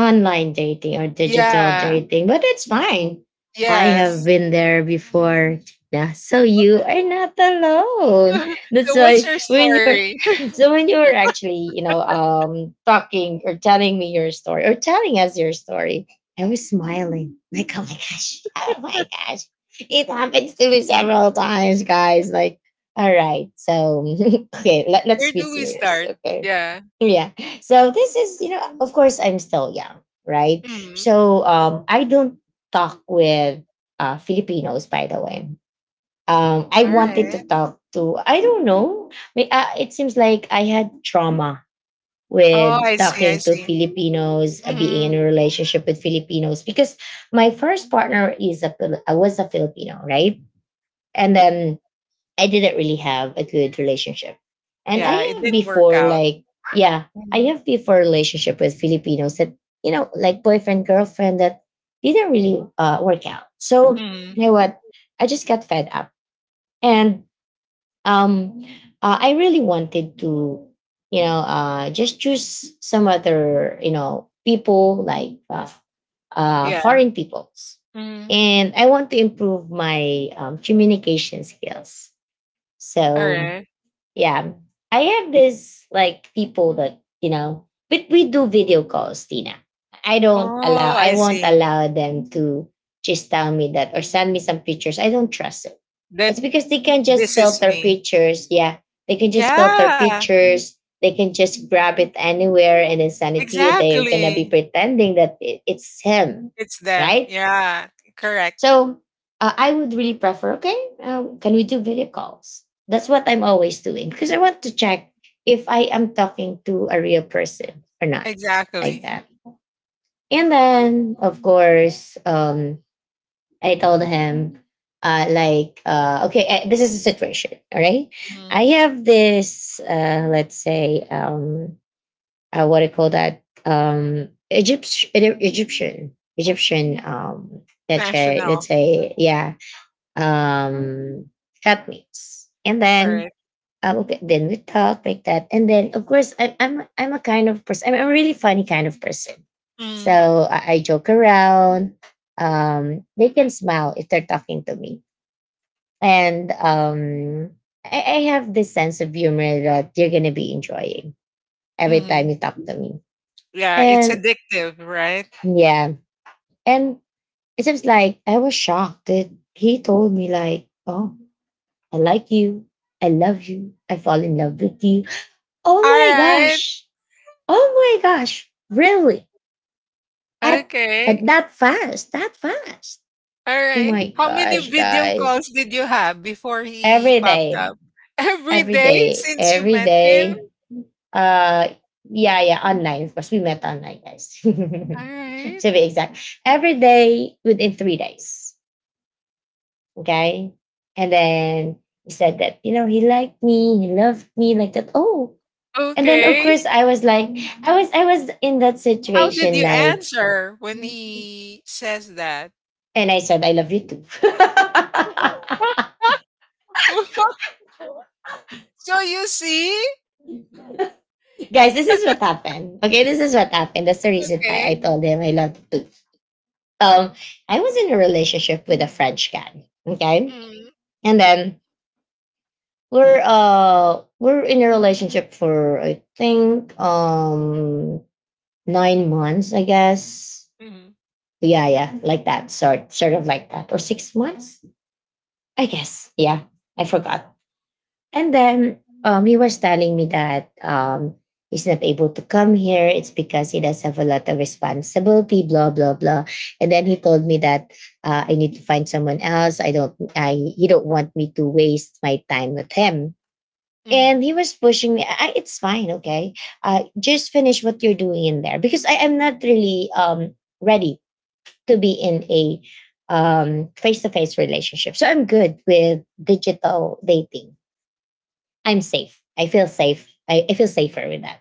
[SPEAKER 1] online dating or digital
[SPEAKER 2] Yeah,
[SPEAKER 1] dating, but it's fine. I have
[SPEAKER 2] yes.
[SPEAKER 1] been there before. Yeah, so you are not alone.
[SPEAKER 2] So
[SPEAKER 1] That's
[SPEAKER 2] what's
[SPEAKER 1] why
[SPEAKER 2] your
[SPEAKER 1] when you're
[SPEAKER 2] story?
[SPEAKER 1] So when you were actually, you know, talking or telling me your story or telling us your story, I was smiling. Like, oh my gosh, oh my gosh, it happens to me several times, guys. Like, all right, so okay,
[SPEAKER 2] Where
[SPEAKER 1] let's be
[SPEAKER 2] do we
[SPEAKER 1] serious,
[SPEAKER 2] start?
[SPEAKER 1] okay?
[SPEAKER 2] Yeah.
[SPEAKER 1] Yeah. So this is, you know, of course, I'm still young, right?
[SPEAKER 2] Mhm.
[SPEAKER 1] I don't talk with Filipinos, by the way. I
[SPEAKER 2] All
[SPEAKER 1] wanted
[SPEAKER 2] right.
[SPEAKER 1] to talk to, I don't know. It seems like I had trauma
[SPEAKER 2] Oh,
[SPEAKER 1] with
[SPEAKER 2] I see. I
[SPEAKER 1] talking to
[SPEAKER 2] see.
[SPEAKER 1] Filipinos, being in
[SPEAKER 2] Mhm.
[SPEAKER 1] a relationship with Filipinos, because my first partner is a was a Filipino, right? And then I didn't really have a good relationship. And I
[SPEAKER 2] Yeah, it
[SPEAKER 1] have
[SPEAKER 2] didn't work
[SPEAKER 1] before,
[SPEAKER 2] out.
[SPEAKER 1] like, yeah, I
[SPEAKER 2] Mhm.
[SPEAKER 1] have before relationship with Filipinos that, you know, like boyfriend, girlfriend that didn't really work out. So,
[SPEAKER 2] Mhm.
[SPEAKER 1] you know what? I just got fed up. And um, I really wanted to, you know, just choose some other, you know, people like
[SPEAKER 2] Yeah.
[SPEAKER 1] foreign peoples.
[SPEAKER 2] Mhm.
[SPEAKER 1] And I want to improve my communication skills so
[SPEAKER 2] alright.
[SPEAKER 1] yeah, I have this like people that you know, but we do video calls, Tina. I don't
[SPEAKER 2] Oh,
[SPEAKER 1] allow. I
[SPEAKER 2] I
[SPEAKER 1] won't
[SPEAKER 2] see.
[SPEAKER 1] allow them to just tell me that or send me some pictures. I don't trust it.
[SPEAKER 2] That
[SPEAKER 1] It's because they can just
[SPEAKER 2] this is
[SPEAKER 1] filter
[SPEAKER 2] me.
[SPEAKER 1] pictures. Yeah, they can just filter
[SPEAKER 2] Yeah,
[SPEAKER 1] pictures. They can just grab it anywhere and then send it to you. They're gonna be
[SPEAKER 2] exactly.
[SPEAKER 1] pretending that it's him,
[SPEAKER 2] It's them.
[SPEAKER 1] right?
[SPEAKER 2] Yeah, correct.
[SPEAKER 1] So I would really prefer, okay, can we do video calls? That's what I'm always doing because I want to check if I am talking to a real person or not, like
[SPEAKER 2] Exactly.
[SPEAKER 1] that. And then, of course, I told him, okay, this is the situation, all right?
[SPEAKER 2] Mhm.
[SPEAKER 1] I have this, let's say, what do you call that? Egyptian,
[SPEAKER 2] National.
[SPEAKER 1] yeah, um helpmates. And
[SPEAKER 2] All
[SPEAKER 1] then
[SPEAKER 2] right.
[SPEAKER 1] okay, then we talk like that. And then, of course, I'm a kind of person, I'm a really funny kind of person.
[SPEAKER 2] Mm.
[SPEAKER 1] So I joke around. They can smile if they're talking to me. And I have this sense of humor that you're gonna be enjoying every time
[SPEAKER 2] Hmm.
[SPEAKER 1] you talk to me.
[SPEAKER 2] Yeah, it's
[SPEAKER 1] And
[SPEAKER 2] addictive, right?
[SPEAKER 1] yeah. And it seems like I was shocked that he told me like, oh, I like you. I love you. I fall in love with you. Oh
[SPEAKER 2] All
[SPEAKER 1] my
[SPEAKER 2] right.
[SPEAKER 1] gosh. Oh my gosh. Really? At, at
[SPEAKER 2] Okay.
[SPEAKER 1] that fast, that fast.
[SPEAKER 2] All
[SPEAKER 1] Oh
[SPEAKER 2] right.
[SPEAKER 1] my
[SPEAKER 2] How many
[SPEAKER 1] gosh,
[SPEAKER 2] video
[SPEAKER 1] guys.
[SPEAKER 2] calls did you have before he
[SPEAKER 1] Every
[SPEAKER 2] popped
[SPEAKER 1] day,
[SPEAKER 2] up? Every
[SPEAKER 1] every
[SPEAKER 2] day
[SPEAKER 1] day,
[SPEAKER 2] since you
[SPEAKER 1] every
[SPEAKER 2] met him?
[SPEAKER 1] day. Uh, yeah, yeah, online. Of course, we met online, guys.
[SPEAKER 2] All right.
[SPEAKER 1] to be exact. Every day within 3 days. Okay. And then he said that, you know, he liked me, he loved me like that. Oh. And then, of
[SPEAKER 2] Okay.
[SPEAKER 1] course, I was like, I was in that
[SPEAKER 2] How did
[SPEAKER 1] situation
[SPEAKER 2] you
[SPEAKER 1] like,
[SPEAKER 2] answer when he says that?
[SPEAKER 1] and I said, I love you too.
[SPEAKER 2] So you see?
[SPEAKER 1] Guys, this is what happened. Okay, this is what happened. That's the reason why I
[SPEAKER 2] Okay.
[SPEAKER 1] told him I love you too. Um, I was in a relationship with a French guy. Okay.
[SPEAKER 2] Mhm.
[SPEAKER 1] And then we're in a relationship for, I think, 9 months, I guess.
[SPEAKER 2] Mhm.
[SPEAKER 1] Yeah, yeah, like that. Sort of like that. Or 6 months, I guess. Yeah. I forgot. And then he was telling me that he's not able to come here. It's because he does have a lot of responsibility, blah blah blah. And then he told me that I need to find someone else. I don't. I he don't want me to waste my time with him.
[SPEAKER 2] Mhm.
[SPEAKER 1] And he was pushing me. It's fine, okay. Just finish what you're doing in there, because I am not really ready to be in a face-to-face relationship. So I'm good with digital dating. I'm safe. I feel safe. I feel safer with that.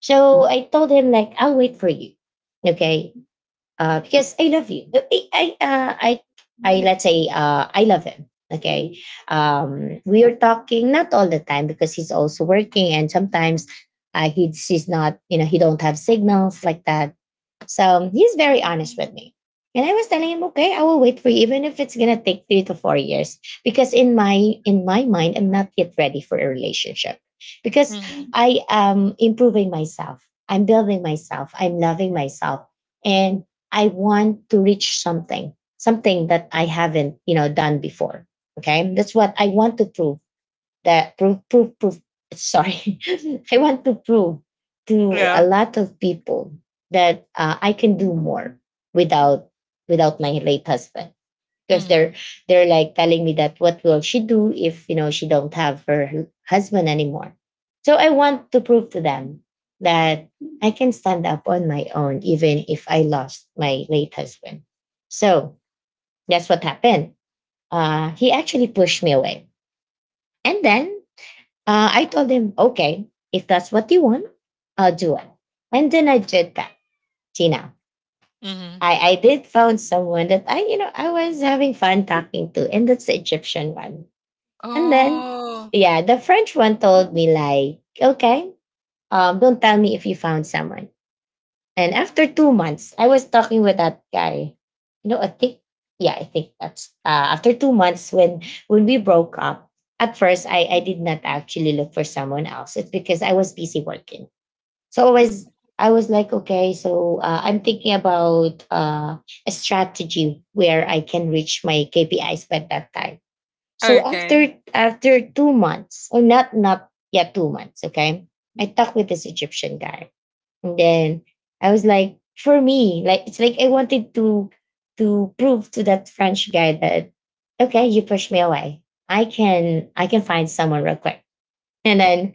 [SPEAKER 1] So I told him, like, I'll wait for you. Okay. Because I love you. I, let's say, I love him. Okay. We are talking not all the time, because he's also working, and sometimes he's not, you know, he don't have signals like that. So he's very honest with me. And I was telling him, okay, I will wait for you, even if it's gonna take 3 to 4 years. Because in my mind, I'm not yet ready for a relationship. Because
[SPEAKER 2] Mhm.
[SPEAKER 1] I am improving myself. I'm building myself. I'm loving myself. And I want to reach something, something that I haven't, you know, done before. Okay. That's what I want to prove, that prove prove prove sorry, I want to prove to
[SPEAKER 2] Yeah.
[SPEAKER 1] a lot of people that I can do more without without my late husband, because
[SPEAKER 2] Mhm.
[SPEAKER 1] they're like telling me that what will she do if, you know, she don't have her husband anymore. So I want to prove to them that I can stand up on my own, even if I lost my late husband. So that's what happened. He actually pushed me away. And then I told him, okay, if that's what you want, I'll do it. And then I did that. See now,
[SPEAKER 2] Mhm.
[SPEAKER 1] I did found someone that I, you know, I was having fun talking to, and that's the Egyptian one. And then,
[SPEAKER 2] Oh,
[SPEAKER 1] yeah, the French one told me like, okay, don't tell me if you found someone. And after 2 months, I was talking with that guy. You know, I think, yeah, I think that's after 2 months, when we broke up. At first, I did not actually look for someone else. It's because I was busy working. So I was like, okay, so I'm thinking about a strategy where I can reach my KPIs by that time. So
[SPEAKER 2] okay.
[SPEAKER 1] after 2 months, or not yeah 2 months, okay, I talked with this Egyptian guy. And then I was like, for me, like it's like I wanted to prove to that French guy that okay, you push me away. I can find someone real quick. And then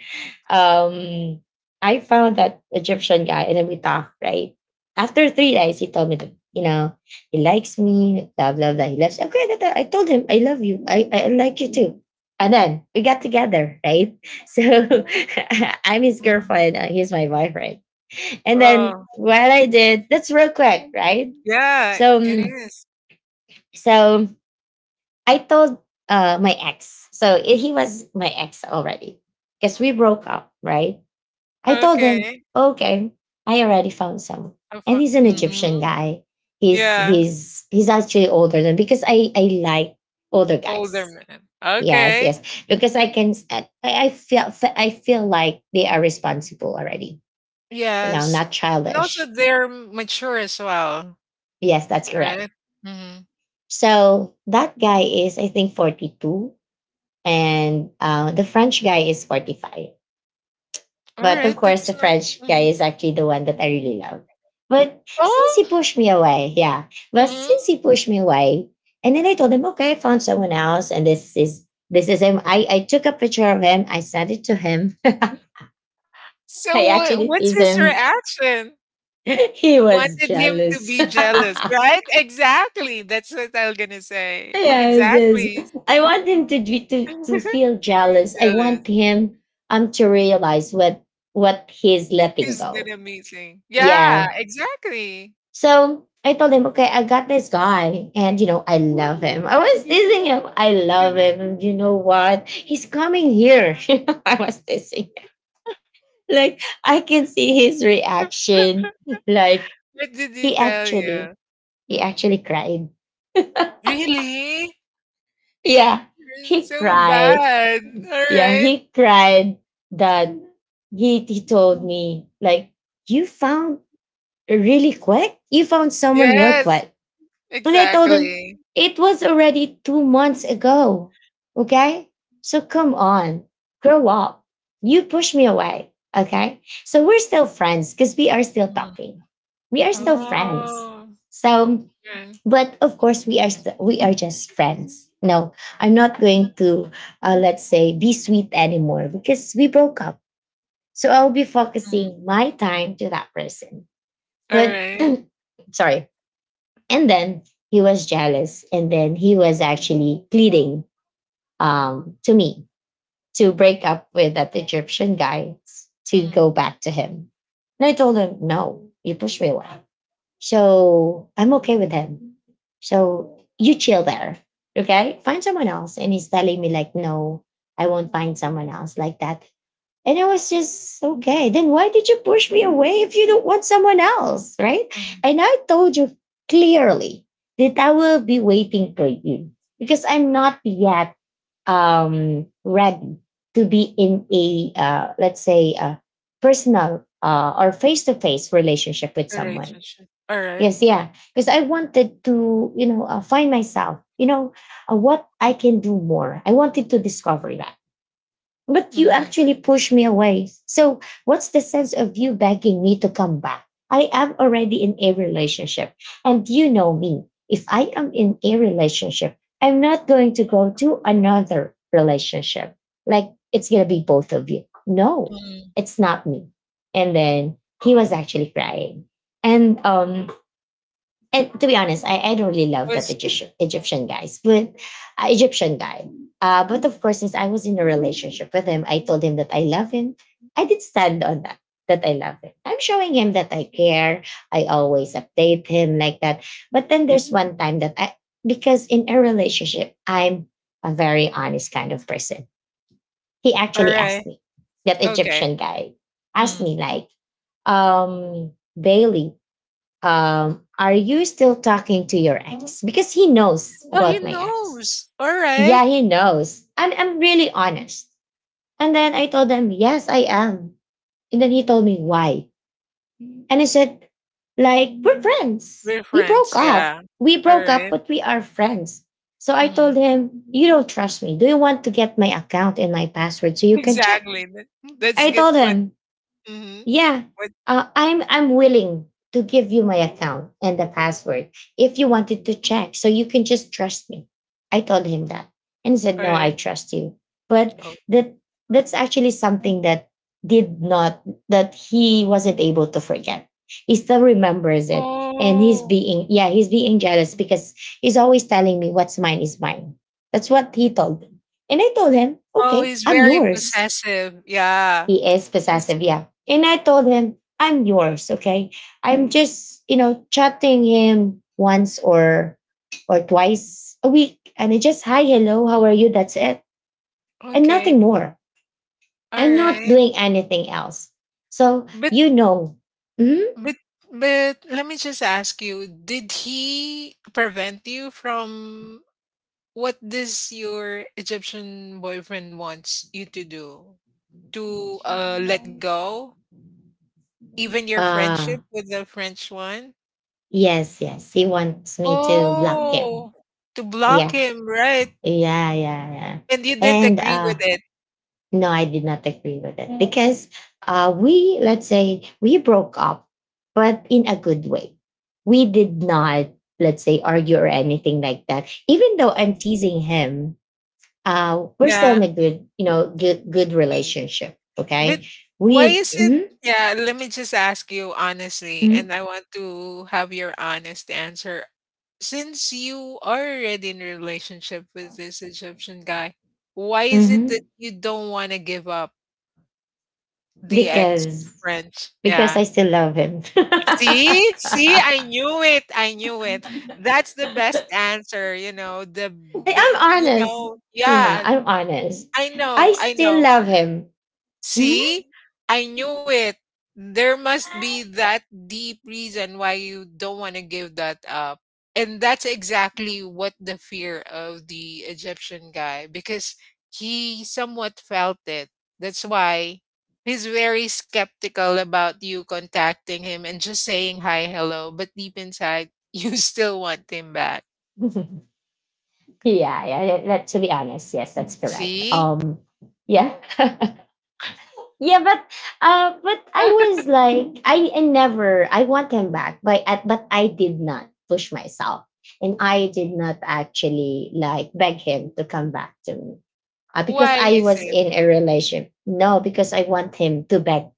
[SPEAKER 1] um I found that Egyptian guy, and then we talked, right? After 3 days, he told me that, you know, he likes me, blah blah blah. He loves okay, that- I told him I love you. I like you too. And then we got together, right? So I'm his
[SPEAKER 2] Mhm.
[SPEAKER 1] girlfriend, he's my boyfriend. And then
[SPEAKER 2] Wow.
[SPEAKER 1] what I did, that's real quick, right?
[SPEAKER 2] Yeah,
[SPEAKER 1] So,
[SPEAKER 2] it
[SPEAKER 1] mm,
[SPEAKER 2] is.
[SPEAKER 1] so I told my ex. So I- he was my ex already because we broke up, right? I told him,
[SPEAKER 2] Okay.
[SPEAKER 1] okay, I already found someone, and he's an Egyptian
[SPEAKER 2] Mhm.
[SPEAKER 1] guy.
[SPEAKER 2] Yeah,
[SPEAKER 1] He's actually older, than because I like older
[SPEAKER 2] older
[SPEAKER 1] guys.
[SPEAKER 2] man.
[SPEAKER 1] Yes,
[SPEAKER 2] Okay.
[SPEAKER 1] yes, because I feel like they are responsible already. You know,
[SPEAKER 2] Yes.
[SPEAKER 1] not
[SPEAKER 2] And also
[SPEAKER 1] childish.
[SPEAKER 2] they're mature as well,
[SPEAKER 1] Yes, that's correct.
[SPEAKER 2] right? Mhm.
[SPEAKER 1] So that guy is, I think, 42, and the French guy is 45.
[SPEAKER 2] All
[SPEAKER 1] But
[SPEAKER 2] right,
[SPEAKER 1] of course,
[SPEAKER 2] that's
[SPEAKER 1] the
[SPEAKER 2] not.
[SPEAKER 1] French
[SPEAKER 2] Mm-hmm.
[SPEAKER 1] guy is actually the one that I really love. But since
[SPEAKER 2] Oh,
[SPEAKER 1] he pushed me away, yeah. But
[SPEAKER 2] mhm.
[SPEAKER 1] since he pushed me away, and then I told him, okay, I found someone else, and this is him. I took a picture of him, I sent it to him.
[SPEAKER 2] So
[SPEAKER 1] I
[SPEAKER 2] what
[SPEAKER 1] actually
[SPEAKER 2] what's
[SPEAKER 1] teased
[SPEAKER 2] his
[SPEAKER 1] him.
[SPEAKER 2] reaction?
[SPEAKER 1] He
[SPEAKER 2] You
[SPEAKER 1] was
[SPEAKER 2] wanted him to
[SPEAKER 1] jealous.
[SPEAKER 2] be jealous, right? Exactly. That's what I was gonna say.
[SPEAKER 1] Yes, yes.
[SPEAKER 2] Exactly.
[SPEAKER 1] I want him to, to feel
[SPEAKER 2] Being
[SPEAKER 1] jealous. I
[SPEAKER 2] jealous.
[SPEAKER 1] want him to realize what he's letting
[SPEAKER 2] He's gonna
[SPEAKER 1] go.
[SPEAKER 2] meet him. Yeah,
[SPEAKER 1] Yeah.
[SPEAKER 2] exactly.
[SPEAKER 1] So I told him, okay, I got this guy, and you know, I love him. I was teasing him. I love him. And you know what? He's coming here. I was teasing him. Like I can see his
[SPEAKER 2] What
[SPEAKER 1] reaction. Like
[SPEAKER 2] did he
[SPEAKER 1] he
[SPEAKER 2] tell
[SPEAKER 1] actually,
[SPEAKER 2] you?
[SPEAKER 1] he
[SPEAKER 2] Mm.
[SPEAKER 1] actually cried.
[SPEAKER 2] Really?
[SPEAKER 1] Yeah,
[SPEAKER 2] You're
[SPEAKER 1] he
[SPEAKER 2] so
[SPEAKER 1] cried.
[SPEAKER 2] bad. All
[SPEAKER 1] Yeah,
[SPEAKER 2] right.
[SPEAKER 1] he cried that he told me like, you found really quick. You found someone real
[SPEAKER 2] Yes,
[SPEAKER 1] quick, and I told him
[SPEAKER 2] exactly.
[SPEAKER 1] it was already 2 months ago. Okay, so come on, grow up. You push me away. Okay, so we're still friends, because we are still
[SPEAKER 2] Mm.
[SPEAKER 1] talking. We are still friends.
[SPEAKER 2] Oh,
[SPEAKER 1] So
[SPEAKER 2] okay.
[SPEAKER 1] but of course we are just friends. No, I'm not going
[SPEAKER 2] Not
[SPEAKER 1] to let's say be sweet anymore, because we broke up. So I'll be
[SPEAKER 2] mm,
[SPEAKER 1] focusing my time to that person. But
[SPEAKER 2] alright.
[SPEAKER 1] sorry. And then he was jealous, and then he was actually pleading, to me, to break up with that Egyptian guy, to
[SPEAKER 2] Mm.
[SPEAKER 1] go back to him. And I told him, no, you pushed me away. So I'm okay with him. So you chill there. Okay. Find someone else. And he's telling me, like, no, I won't find someone else like that. And I was just okay. Then why did you push me away if you don't want someone else? Right.
[SPEAKER 2] Mm.
[SPEAKER 1] And I told you clearly that I will be waiting for you, because I'm not yet ready to be in a, let's say, a personal or face to face relationship with someone.
[SPEAKER 2] Relationship. Alright.
[SPEAKER 1] Yes, yeah. Because I wanted to, you know, find myself, you know, what I can do more. I wanted to discover that. But you
[SPEAKER 2] Mm.
[SPEAKER 1] actually pushed me away. So, what's the sense of you begging me to come back? I am already in a relationship. And you know me. If I am in a relationship, I'm not going to go to another relationship. Like, it's going to be both of you. No,
[SPEAKER 2] Mm.
[SPEAKER 1] it's not me. And then he was actually crying. And um, and to be honest, I don't really love that
[SPEAKER 2] Was
[SPEAKER 1] Egyptian guy. But of course, since I was in a relationship with him, I told him that I love him. I did stand on that that I love him. I'm showing him that I care. I always update him like that. But then there's one time that I because in a relationship, I'm a very honest kind of person. He actually asked
[SPEAKER 2] alright.
[SPEAKER 1] me, that
[SPEAKER 2] Okay.
[SPEAKER 1] Egyptian guy asked
[SPEAKER 2] Mm.
[SPEAKER 1] me like, um, Bailey, are you still talking to your ex? Because he knows
[SPEAKER 2] Well, he
[SPEAKER 1] about my ex.
[SPEAKER 2] knows. Alright.
[SPEAKER 1] Yeah, he knows. I'm really honest. And then I told him, yes, I am. And then he told me why. And I said, like, we're friends.
[SPEAKER 2] We're
[SPEAKER 1] We broke
[SPEAKER 2] friends.
[SPEAKER 1] up.
[SPEAKER 2] Yeah.
[SPEAKER 1] We broke up,
[SPEAKER 2] Alright.
[SPEAKER 1] but we are friends. So I told
[SPEAKER 2] Mm.
[SPEAKER 1] him, you don't trust me. Do you want to get my account and my password so you can check?
[SPEAKER 2] Exactly. That's
[SPEAKER 1] I
[SPEAKER 2] good.
[SPEAKER 1] told
[SPEAKER 2] What?
[SPEAKER 1] him,
[SPEAKER 2] Mm,
[SPEAKER 1] Yeah,
[SPEAKER 2] what?
[SPEAKER 1] I'm willing to give you my account and the password if you wanted to check, so you can just trust me. I told him that, and he said, "No, I
[SPEAKER 2] Alright.
[SPEAKER 1] trust you." But
[SPEAKER 2] Oh.
[SPEAKER 1] that's actually something that did not that he wasn't able to forget. He still remembers it, and he's
[SPEAKER 2] Oh.
[SPEAKER 1] being, yeah, he's being jealous because he's always telling me what's mine is mine. That's what he told me, and I told him,
[SPEAKER 2] Oh,
[SPEAKER 1] "Okay,
[SPEAKER 2] he's
[SPEAKER 1] I'm
[SPEAKER 2] very
[SPEAKER 1] yours."
[SPEAKER 2] possessive. Yeah.
[SPEAKER 1] He is
[SPEAKER 2] He's
[SPEAKER 1] possessive, yeah. And I told him, I'm yours, okay? I'm just, chatting him once or twice a week. And I just hi, hello, how are you? That's it. And nothing
[SPEAKER 2] okay.
[SPEAKER 1] more.
[SPEAKER 2] All
[SPEAKER 1] I'm not
[SPEAKER 2] right.
[SPEAKER 1] doing anything else. So
[SPEAKER 2] But
[SPEAKER 1] you know. Mm-hmm.
[SPEAKER 2] But let me just ask you, did he prevent you from what does your Egyptian boyfriend wants you to do? To let go? Even your friendship
[SPEAKER 1] Uh
[SPEAKER 2] with the French one?
[SPEAKER 1] yes, yes. He wants me to block him.
[SPEAKER 2] Oh, to block
[SPEAKER 1] Yeah.
[SPEAKER 2] him, right?
[SPEAKER 1] Yeah, yeah, yeah.
[SPEAKER 2] And you didn't
[SPEAKER 1] And
[SPEAKER 2] agree with it.
[SPEAKER 1] No, I did not agree with it because we, let's say, we broke up, but in a good way. We did not, let's say, argue or anything like that. Even though I'm teasing him, we're still
[SPEAKER 2] Yeah.
[SPEAKER 1] in a good, good, good relationship.
[SPEAKER 2] But
[SPEAKER 1] Okay,
[SPEAKER 2] why
[SPEAKER 1] we
[SPEAKER 2] is it?
[SPEAKER 1] mhm,
[SPEAKER 2] Yeah, let me just ask you honestly,
[SPEAKER 1] mhm,
[SPEAKER 2] and I want to have your honest answer. Since you are already in a relationship with this Egyptian guy, why is it that
[SPEAKER 1] mhm.
[SPEAKER 2] you don't want to give up the ex
[SPEAKER 1] because
[SPEAKER 2] French? Yeah.
[SPEAKER 1] because I still love him.
[SPEAKER 2] See? See, I knew it. I knew it. That's the best answer, you know, the bi-
[SPEAKER 1] I'm
[SPEAKER 2] you
[SPEAKER 1] honest,
[SPEAKER 2] know,
[SPEAKER 1] Tina.
[SPEAKER 2] yeah.
[SPEAKER 1] I'm honest.
[SPEAKER 2] I
[SPEAKER 1] I
[SPEAKER 2] know. I
[SPEAKER 1] still
[SPEAKER 2] know.
[SPEAKER 1] love him. Mhm.
[SPEAKER 2] See, I knew it. There must be that deep reason why you don't want to give that up. And that's exactly what the fear of the Egyptian guy, because he somewhat felt it. That's why he's very skeptical about you contacting him and just saying hi, hello. But deep inside, you still want him back.
[SPEAKER 1] Yeah, yeah, yeah, that, to be honest, yes, that's correct.
[SPEAKER 2] See?
[SPEAKER 1] Yeah, yeah, but I was like, I never, I want him back, but but I did not push myself, and I did not actually like beg him to come back to me, because
[SPEAKER 2] Why
[SPEAKER 1] I
[SPEAKER 2] is
[SPEAKER 1] was
[SPEAKER 2] it?
[SPEAKER 1] in a relation. No, because I want him to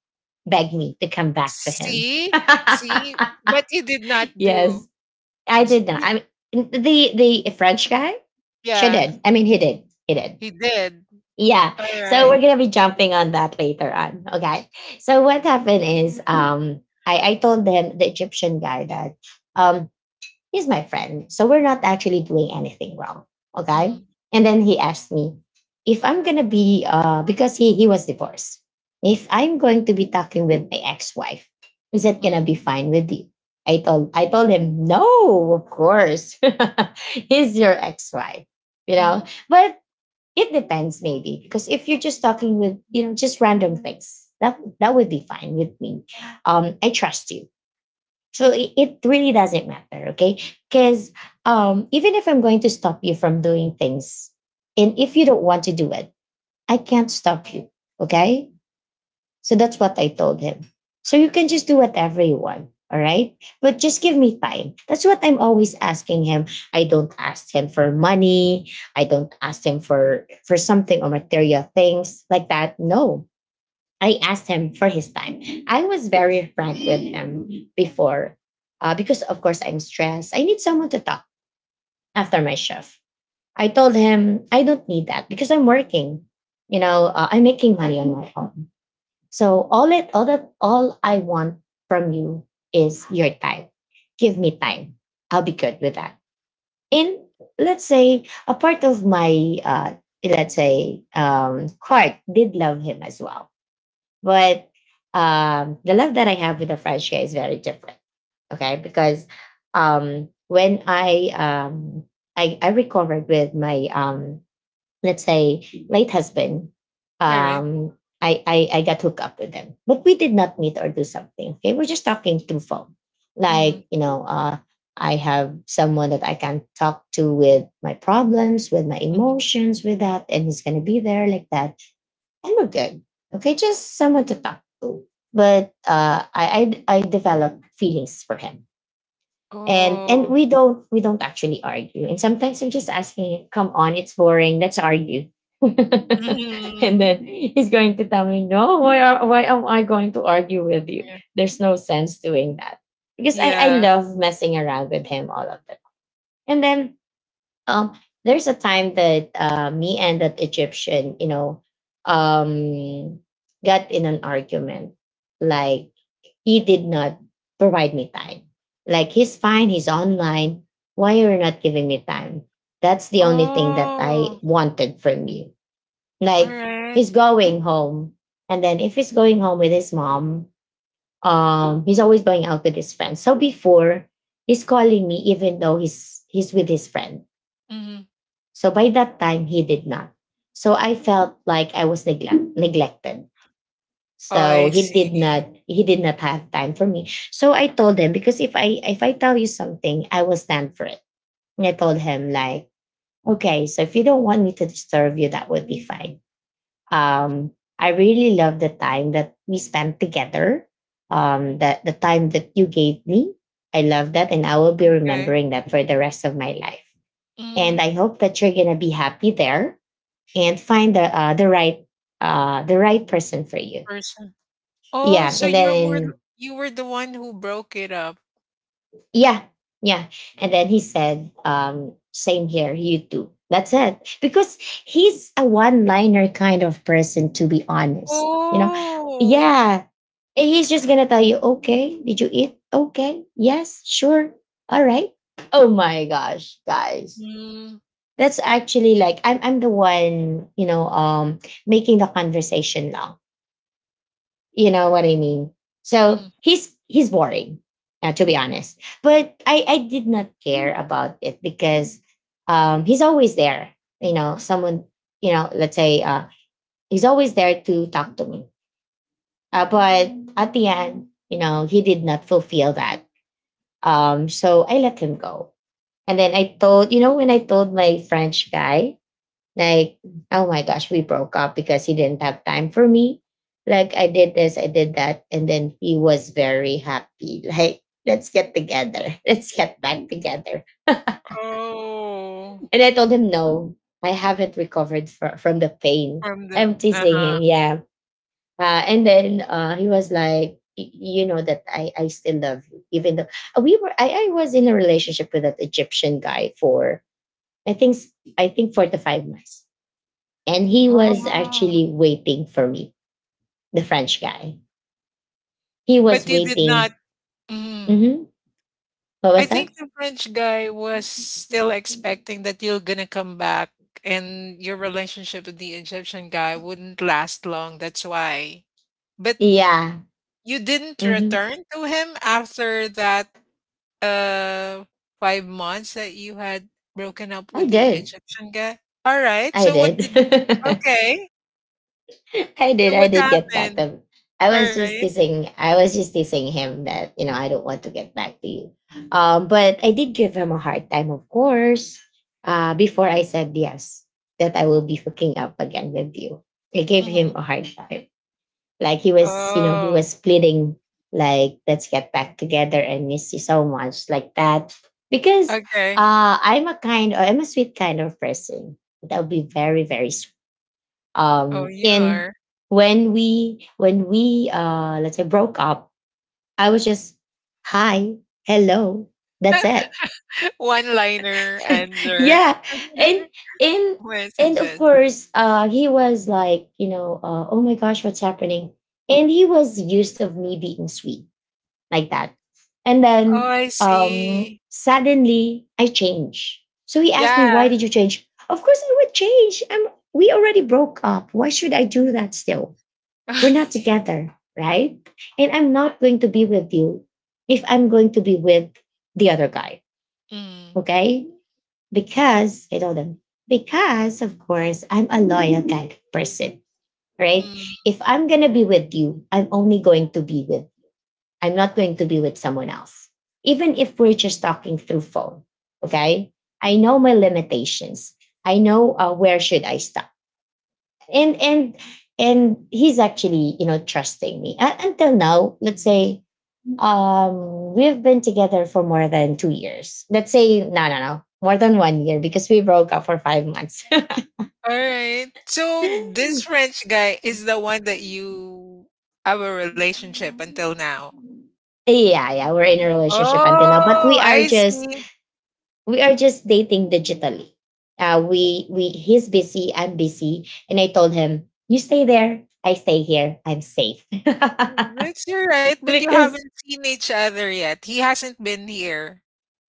[SPEAKER 1] beg me to come back to him.
[SPEAKER 2] See? See? But you did not do.
[SPEAKER 1] Yes, I
[SPEAKER 2] J
[SPEAKER 1] did not.
[SPEAKER 2] di
[SPEAKER 1] I mean, the French guy, she
[SPEAKER 2] yeah,
[SPEAKER 1] did. I mean, he did.
[SPEAKER 2] he did.
[SPEAKER 1] Yeah. So
[SPEAKER 2] Alright.
[SPEAKER 1] we're gonna be jumping on that later on. Okay. So what happened is I told them the Egyptian guy that um he's my friend. So we're not actually doing anything wrong. Okay.
[SPEAKER 2] Mm.
[SPEAKER 1] And then he asked me if I'm gonna be because he was divorced. If I'm going to be talking with my ex-wife, is that
[SPEAKER 2] Mm.
[SPEAKER 1] gonna be fine with you? I told him, no, of course. He's your ex-wife, you know.
[SPEAKER 2] Mhm.
[SPEAKER 1] But it depends, maybe, because if you're just talking with, you know, just random things, that would be fine with me. I trust you, so it really doesn't matter, okay? Because even if I'm going to stop you from doing things, and if you don't want to do it, I can't stop you, okay? So that's what I told him. So you can just do whatever you want. All right. But just give me time. That's what I'm always asking him. I don't ask him for money. I don't ask him for something or material things like that. No. I asked him for his time. I was very frank with him before. Because of course I'm stressed. I need someone to talk after my shift. I told him I don't need that because I'm working. You know, I'm making money on my own. So all it all that all I want from you is your time. Give me time. I'll be good with that. And let's say a part of my uh let's say heart did love him as well. But the love that I have with the French guy is very different. Okay. Because when I recovered with my let's say late husband
[SPEAKER 2] Alright.
[SPEAKER 1] um I, got hooked up with them, but we did not meet or do something, okay? We're just talking through phone, like,
[SPEAKER 2] Mhm.
[SPEAKER 1] you know, I have someone that I can talk to with my problems, with my
[SPEAKER 2] Mhm.
[SPEAKER 1] emotions, with that, and he's gonna be there like that. And we're good, okay? Just someone to talk to. But I developed feelings for him. And
[SPEAKER 2] Oh.
[SPEAKER 1] we don't actually argue, and sometimes I'm just asking, come on, it's boring, let's argue. And then
[SPEAKER 2] Mhm.
[SPEAKER 1] he's going to tell me, no, why am I going to argue with you?
[SPEAKER 2] Yeah.
[SPEAKER 1] There's no sense doing that because I
[SPEAKER 2] Yeah.
[SPEAKER 1] love messing around with him all of the time. And then um there's a time that me and that Egyptian, you know, um got in an argument, like, he did not provide me time. Like, he's fine, he's online. Why you're not giving me time? That's the only thing that I
[SPEAKER 2] Oh,
[SPEAKER 1] wanted from you. Like, he's
[SPEAKER 2] alright.
[SPEAKER 1] going home, and then if he's going home with his mom, he's always going out with his friends. So before he's calling me, even though he's with his friend.
[SPEAKER 2] Mhm.
[SPEAKER 1] So by that time he did not. So I felt like I was neglected,
[SPEAKER 2] Oh,
[SPEAKER 1] so
[SPEAKER 2] I see.
[SPEAKER 1] he did not have time for me. So I told him, because if I tell you something, I will stand for it. And I told him, like, okay, so if you don't want me to disturb you, that would be fine. Um, I really love the time that we spent together. That the time that you gave me, I love that, and I will be
[SPEAKER 2] Okay.
[SPEAKER 1] remembering that for the rest of my life. And
[SPEAKER 2] Mhm,
[SPEAKER 1] I hope that you're gonna be happy there and find the the right person for you.
[SPEAKER 2] person. Oh,
[SPEAKER 1] Yeah,
[SPEAKER 2] so
[SPEAKER 1] and
[SPEAKER 2] you were
[SPEAKER 1] then
[SPEAKER 2] you were the one who broke it up.
[SPEAKER 1] Yeah, yeah. And then he said, same here, you too. That's it. Because he's a one liner kind of person, to be honest. You know,
[SPEAKER 2] Oh.
[SPEAKER 1] yeah, he's just going to tell you, okay, did you eat? Okay, yes, sure. All right. Oh my gosh, guys.
[SPEAKER 2] Mm.
[SPEAKER 1] That's actually like I'm the one, making the conversation long, you know what I mean? So
[SPEAKER 2] Mm.
[SPEAKER 1] he's boring, to be honest. But I did not care about it because he's always there. You know, someone, you know, let's say he's always there to talk to me. But at the end, you know, he did not fulfill that. So I let him go. And then I told, you know, when I told my French guy, like, oh my gosh, we broke up because he didn't have time for me. Like, I did this, I did that. And then he was very happy. Like, let's get together. Let's get back together.
[SPEAKER 2] Oh,
[SPEAKER 1] And I told him, no, I haven't recovered from the pain.
[SPEAKER 2] from the
[SPEAKER 1] I'm teasing him.
[SPEAKER 2] uh-huh.
[SPEAKER 1] Yeah. And then he was like, "Y- you know that I still love you, even though we were I was in a relationship with that Egyptian guy for I think s- I think 4 to 5 months. And he was
[SPEAKER 2] Oh,
[SPEAKER 1] actually waiting for me, the French guy, he
[SPEAKER 2] but
[SPEAKER 1] was
[SPEAKER 2] you did not
[SPEAKER 1] waiting.
[SPEAKER 2] mm.
[SPEAKER 1] Hmm, what
[SPEAKER 2] I
[SPEAKER 1] was that?
[SPEAKER 2] think the French guy was still expecting that you're gonna come back and your relationship with the Egyptian guy wouldn't last long, that's why. But
[SPEAKER 1] Yeah.
[SPEAKER 2] you didn't
[SPEAKER 1] Hmm.
[SPEAKER 2] return to him after that uh five months that you had broken up
[SPEAKER 1] i
[SPEAKER 2] with the
[SPEAKER 1] did
[SPEAKER 2] Egyptian guy? All right.
[SPEAKER 1] I
[SPEAKER 2] So what
[SPEAKER 1] did.
[SPEAKER 2] did. Okay. So
[SPEAKER 1] I
[SPEAKER 2] what
[SPEAKER 1] did get back to
[SPEAKER 2] happened?
[SPEAKER 1] him.
[SPEAKER 2] All right.
[SPEAKER 1] I was just teasing him, that, you know, I don't want to get back to you. But I did give him a hard time, of course. Before I said yes that I will be hooking up again with you, I gave him
[SPEAKER 2] Mhm.
[SPEAKER 1] a hard time. Like, he was, you know, he
[SPEAKER 2] Oh,
[SPEAKER 1] was pleading, like, let's get back together and miss you so much, like that. Because
[SPEAKER 2] okay.
[SPEAKER 1] I'm a kind, I'm a sweet kind of person. That would be very,
[SPEAKER 2] Oh, you
[SPEAKER 1] and
[SPEAKER 2] are.
[SPEAKER 1] when when we, let's say, broke up, I was just, hi, hello, that's it.
[SPEAKER 2] One-liner answer.
[SPEAKER 1] Yeah. And, and,
[SPEAKER 2] Where to
[SPEAKER 1] and of
[SPEAKER 2] just.
[SPEAKER 1] course he was like, you know, oh my gosh, what's happening. And he was used of me being sweet like that. And
[SPEAKER 2] Oh,
[SPEAKER 1] then
[SPEAKER 2] I see.
[SPEAKER 1] suddenly I change. So he asked me, why
[SPEAKER 2] Yeah.
[SPEAKER 1] did you change? Of course I would change. We already broke up. Why should I do that still? We're not together, right? And I'm not going to be with you if I'm going to be with the other guy,
[SPEAKER 2] Mm.
[SPEAKER 1] okay? Because I told him, because of course I'm a loyal kind of person, right?
[SPEAKER 2] Mm.
[SPEAKER 1] If I'm gonna be with you, I'm only going to be with, I'm not going to be with someone else. Even if we're just talking through phone, okay? I know my limitations. I know where should I stop. And and and he's actually, you know, trusting me. Until now, let's say we've been together for more than 2 years. Let's say no, no, no. More than 1 year because we broke up for 5 months.
[SPEAKER 2] Alright. So this French guy is the one that you have a relationship until now?
[SPEAKER 1] Yeah, yeah, we're in a relationship until now, but
[SPEAKER 2] Oh,
[SPEAKER 1] we are
[SPEAKER 2] I
[SPEAKER 1] just,
[SPEAKER 2] see.
[SPEAKER 1] we are just dating digitally. We he's busy, I'm busy, and I told him, "You stay there, I stay here, I'm safe."
[SPEAKER 2] That's you right, but you
[SPEAKER 1] Because
[SPEAKER 2] haven't seen each other yet. He hasn't been here.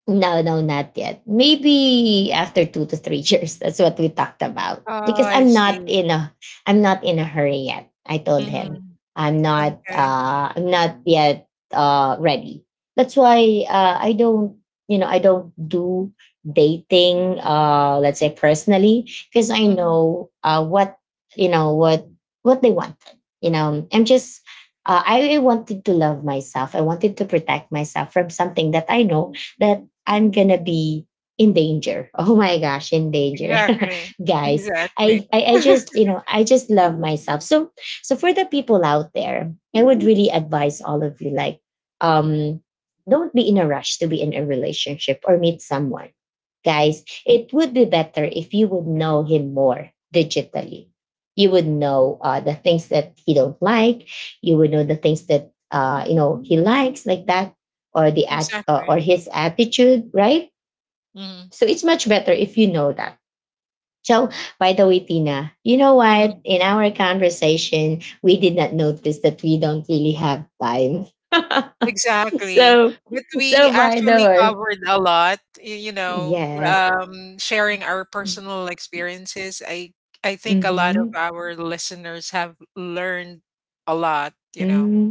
[SPEAKER 1] no, no, not yet. Maybe after two to three years. That's what we talked about.
[SPEAKER 2] Oh,
[SPEAKER 1] Because
[SPEAKER 2] I see.
[SPEAKER 1] I'm not in a hurry yet. I told him.
[SPEAKER 2] Mhm. Okay.
[SPEAKER 1] I'm not yet ready. That's why I don't, you know, I don't do dating, let's say, personally, because I
[SPEAKER 2] Mhm.
[SPEAKER 1] know what you know what they wanted. You know, I'm just I wanted to love myself. I wanted to protect myself from something that I know that I'm gonna be in danger. Oh my gosh, in danger.
[SPEAKER 2] Exactly.
[SPEAKER 1] Guys,
[SPEAKER 2] Exactly.
[SPEAKER 1] I just, you know, I just love myself. So for the people out there, I would really advise all of you, like, um don't be in a rush to be in a relationship or meet someone. Guys, it would be better if you would know him more digitally. You would know the things that he don't like. You would know the things that you know he likes, like that, or the act or
[SPEAKER 2] Exactly.
[SPEAKER 1] his attitude, right?
[SPEAKER 2] Mhm.
[SPEAKER 1] So it's much better if you know that. So, by the way, Tina, you know what?
[SPEAKER 2] Mhm.
[SPEAKER 1] In our conversation, we did not notice that we don't really have time.
[SPEAKER 2] Exactly.
[SPEAKER 1] So,
[SPEAKER 2] But we
[SPEAKER 1] so by the
[SPEAKER 2] actually
[SPEAKER 1] way,
[SPEAKER 2] covered a lot, you know,
[SPEAKER 1] yes.
[SPEAKER 2] sharing our personal experiences. I think a lot of
[SPEAKER 1] Mm-hmm.
[SPEAKER 2] our listeners have learned a lot.
[SPEAKER 1] Mm-hmm.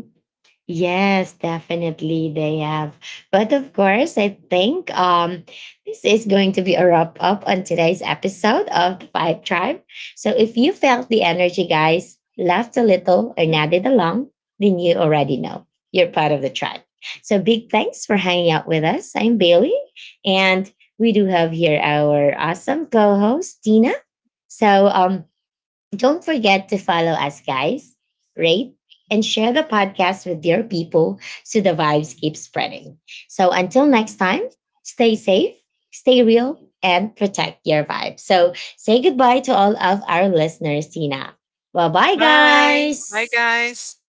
[SPEAKER 1] Yes, definitely they have. But of course, I think this is going to be a wrap up on today's episode of the Five Tribe. So if you felt the energy, guys, laughed a little or nodded along, then you already know you're part of the tribe. So big thanks for hanging out with us. I'm Bailey, and we do have here our awesome co-host Tina. So don't forget to follow us, guys, rate, and share the podcast with your people so the vibes keep spreading. So until next time, stay safe, stay real, and protect your vibe. So say goodbye to all of our listeners, Tina. Well, bye,
[SPEAKER 2] Bye. Bye,
[SPEAKER 1] guys.
[SPEAKER 2] guys.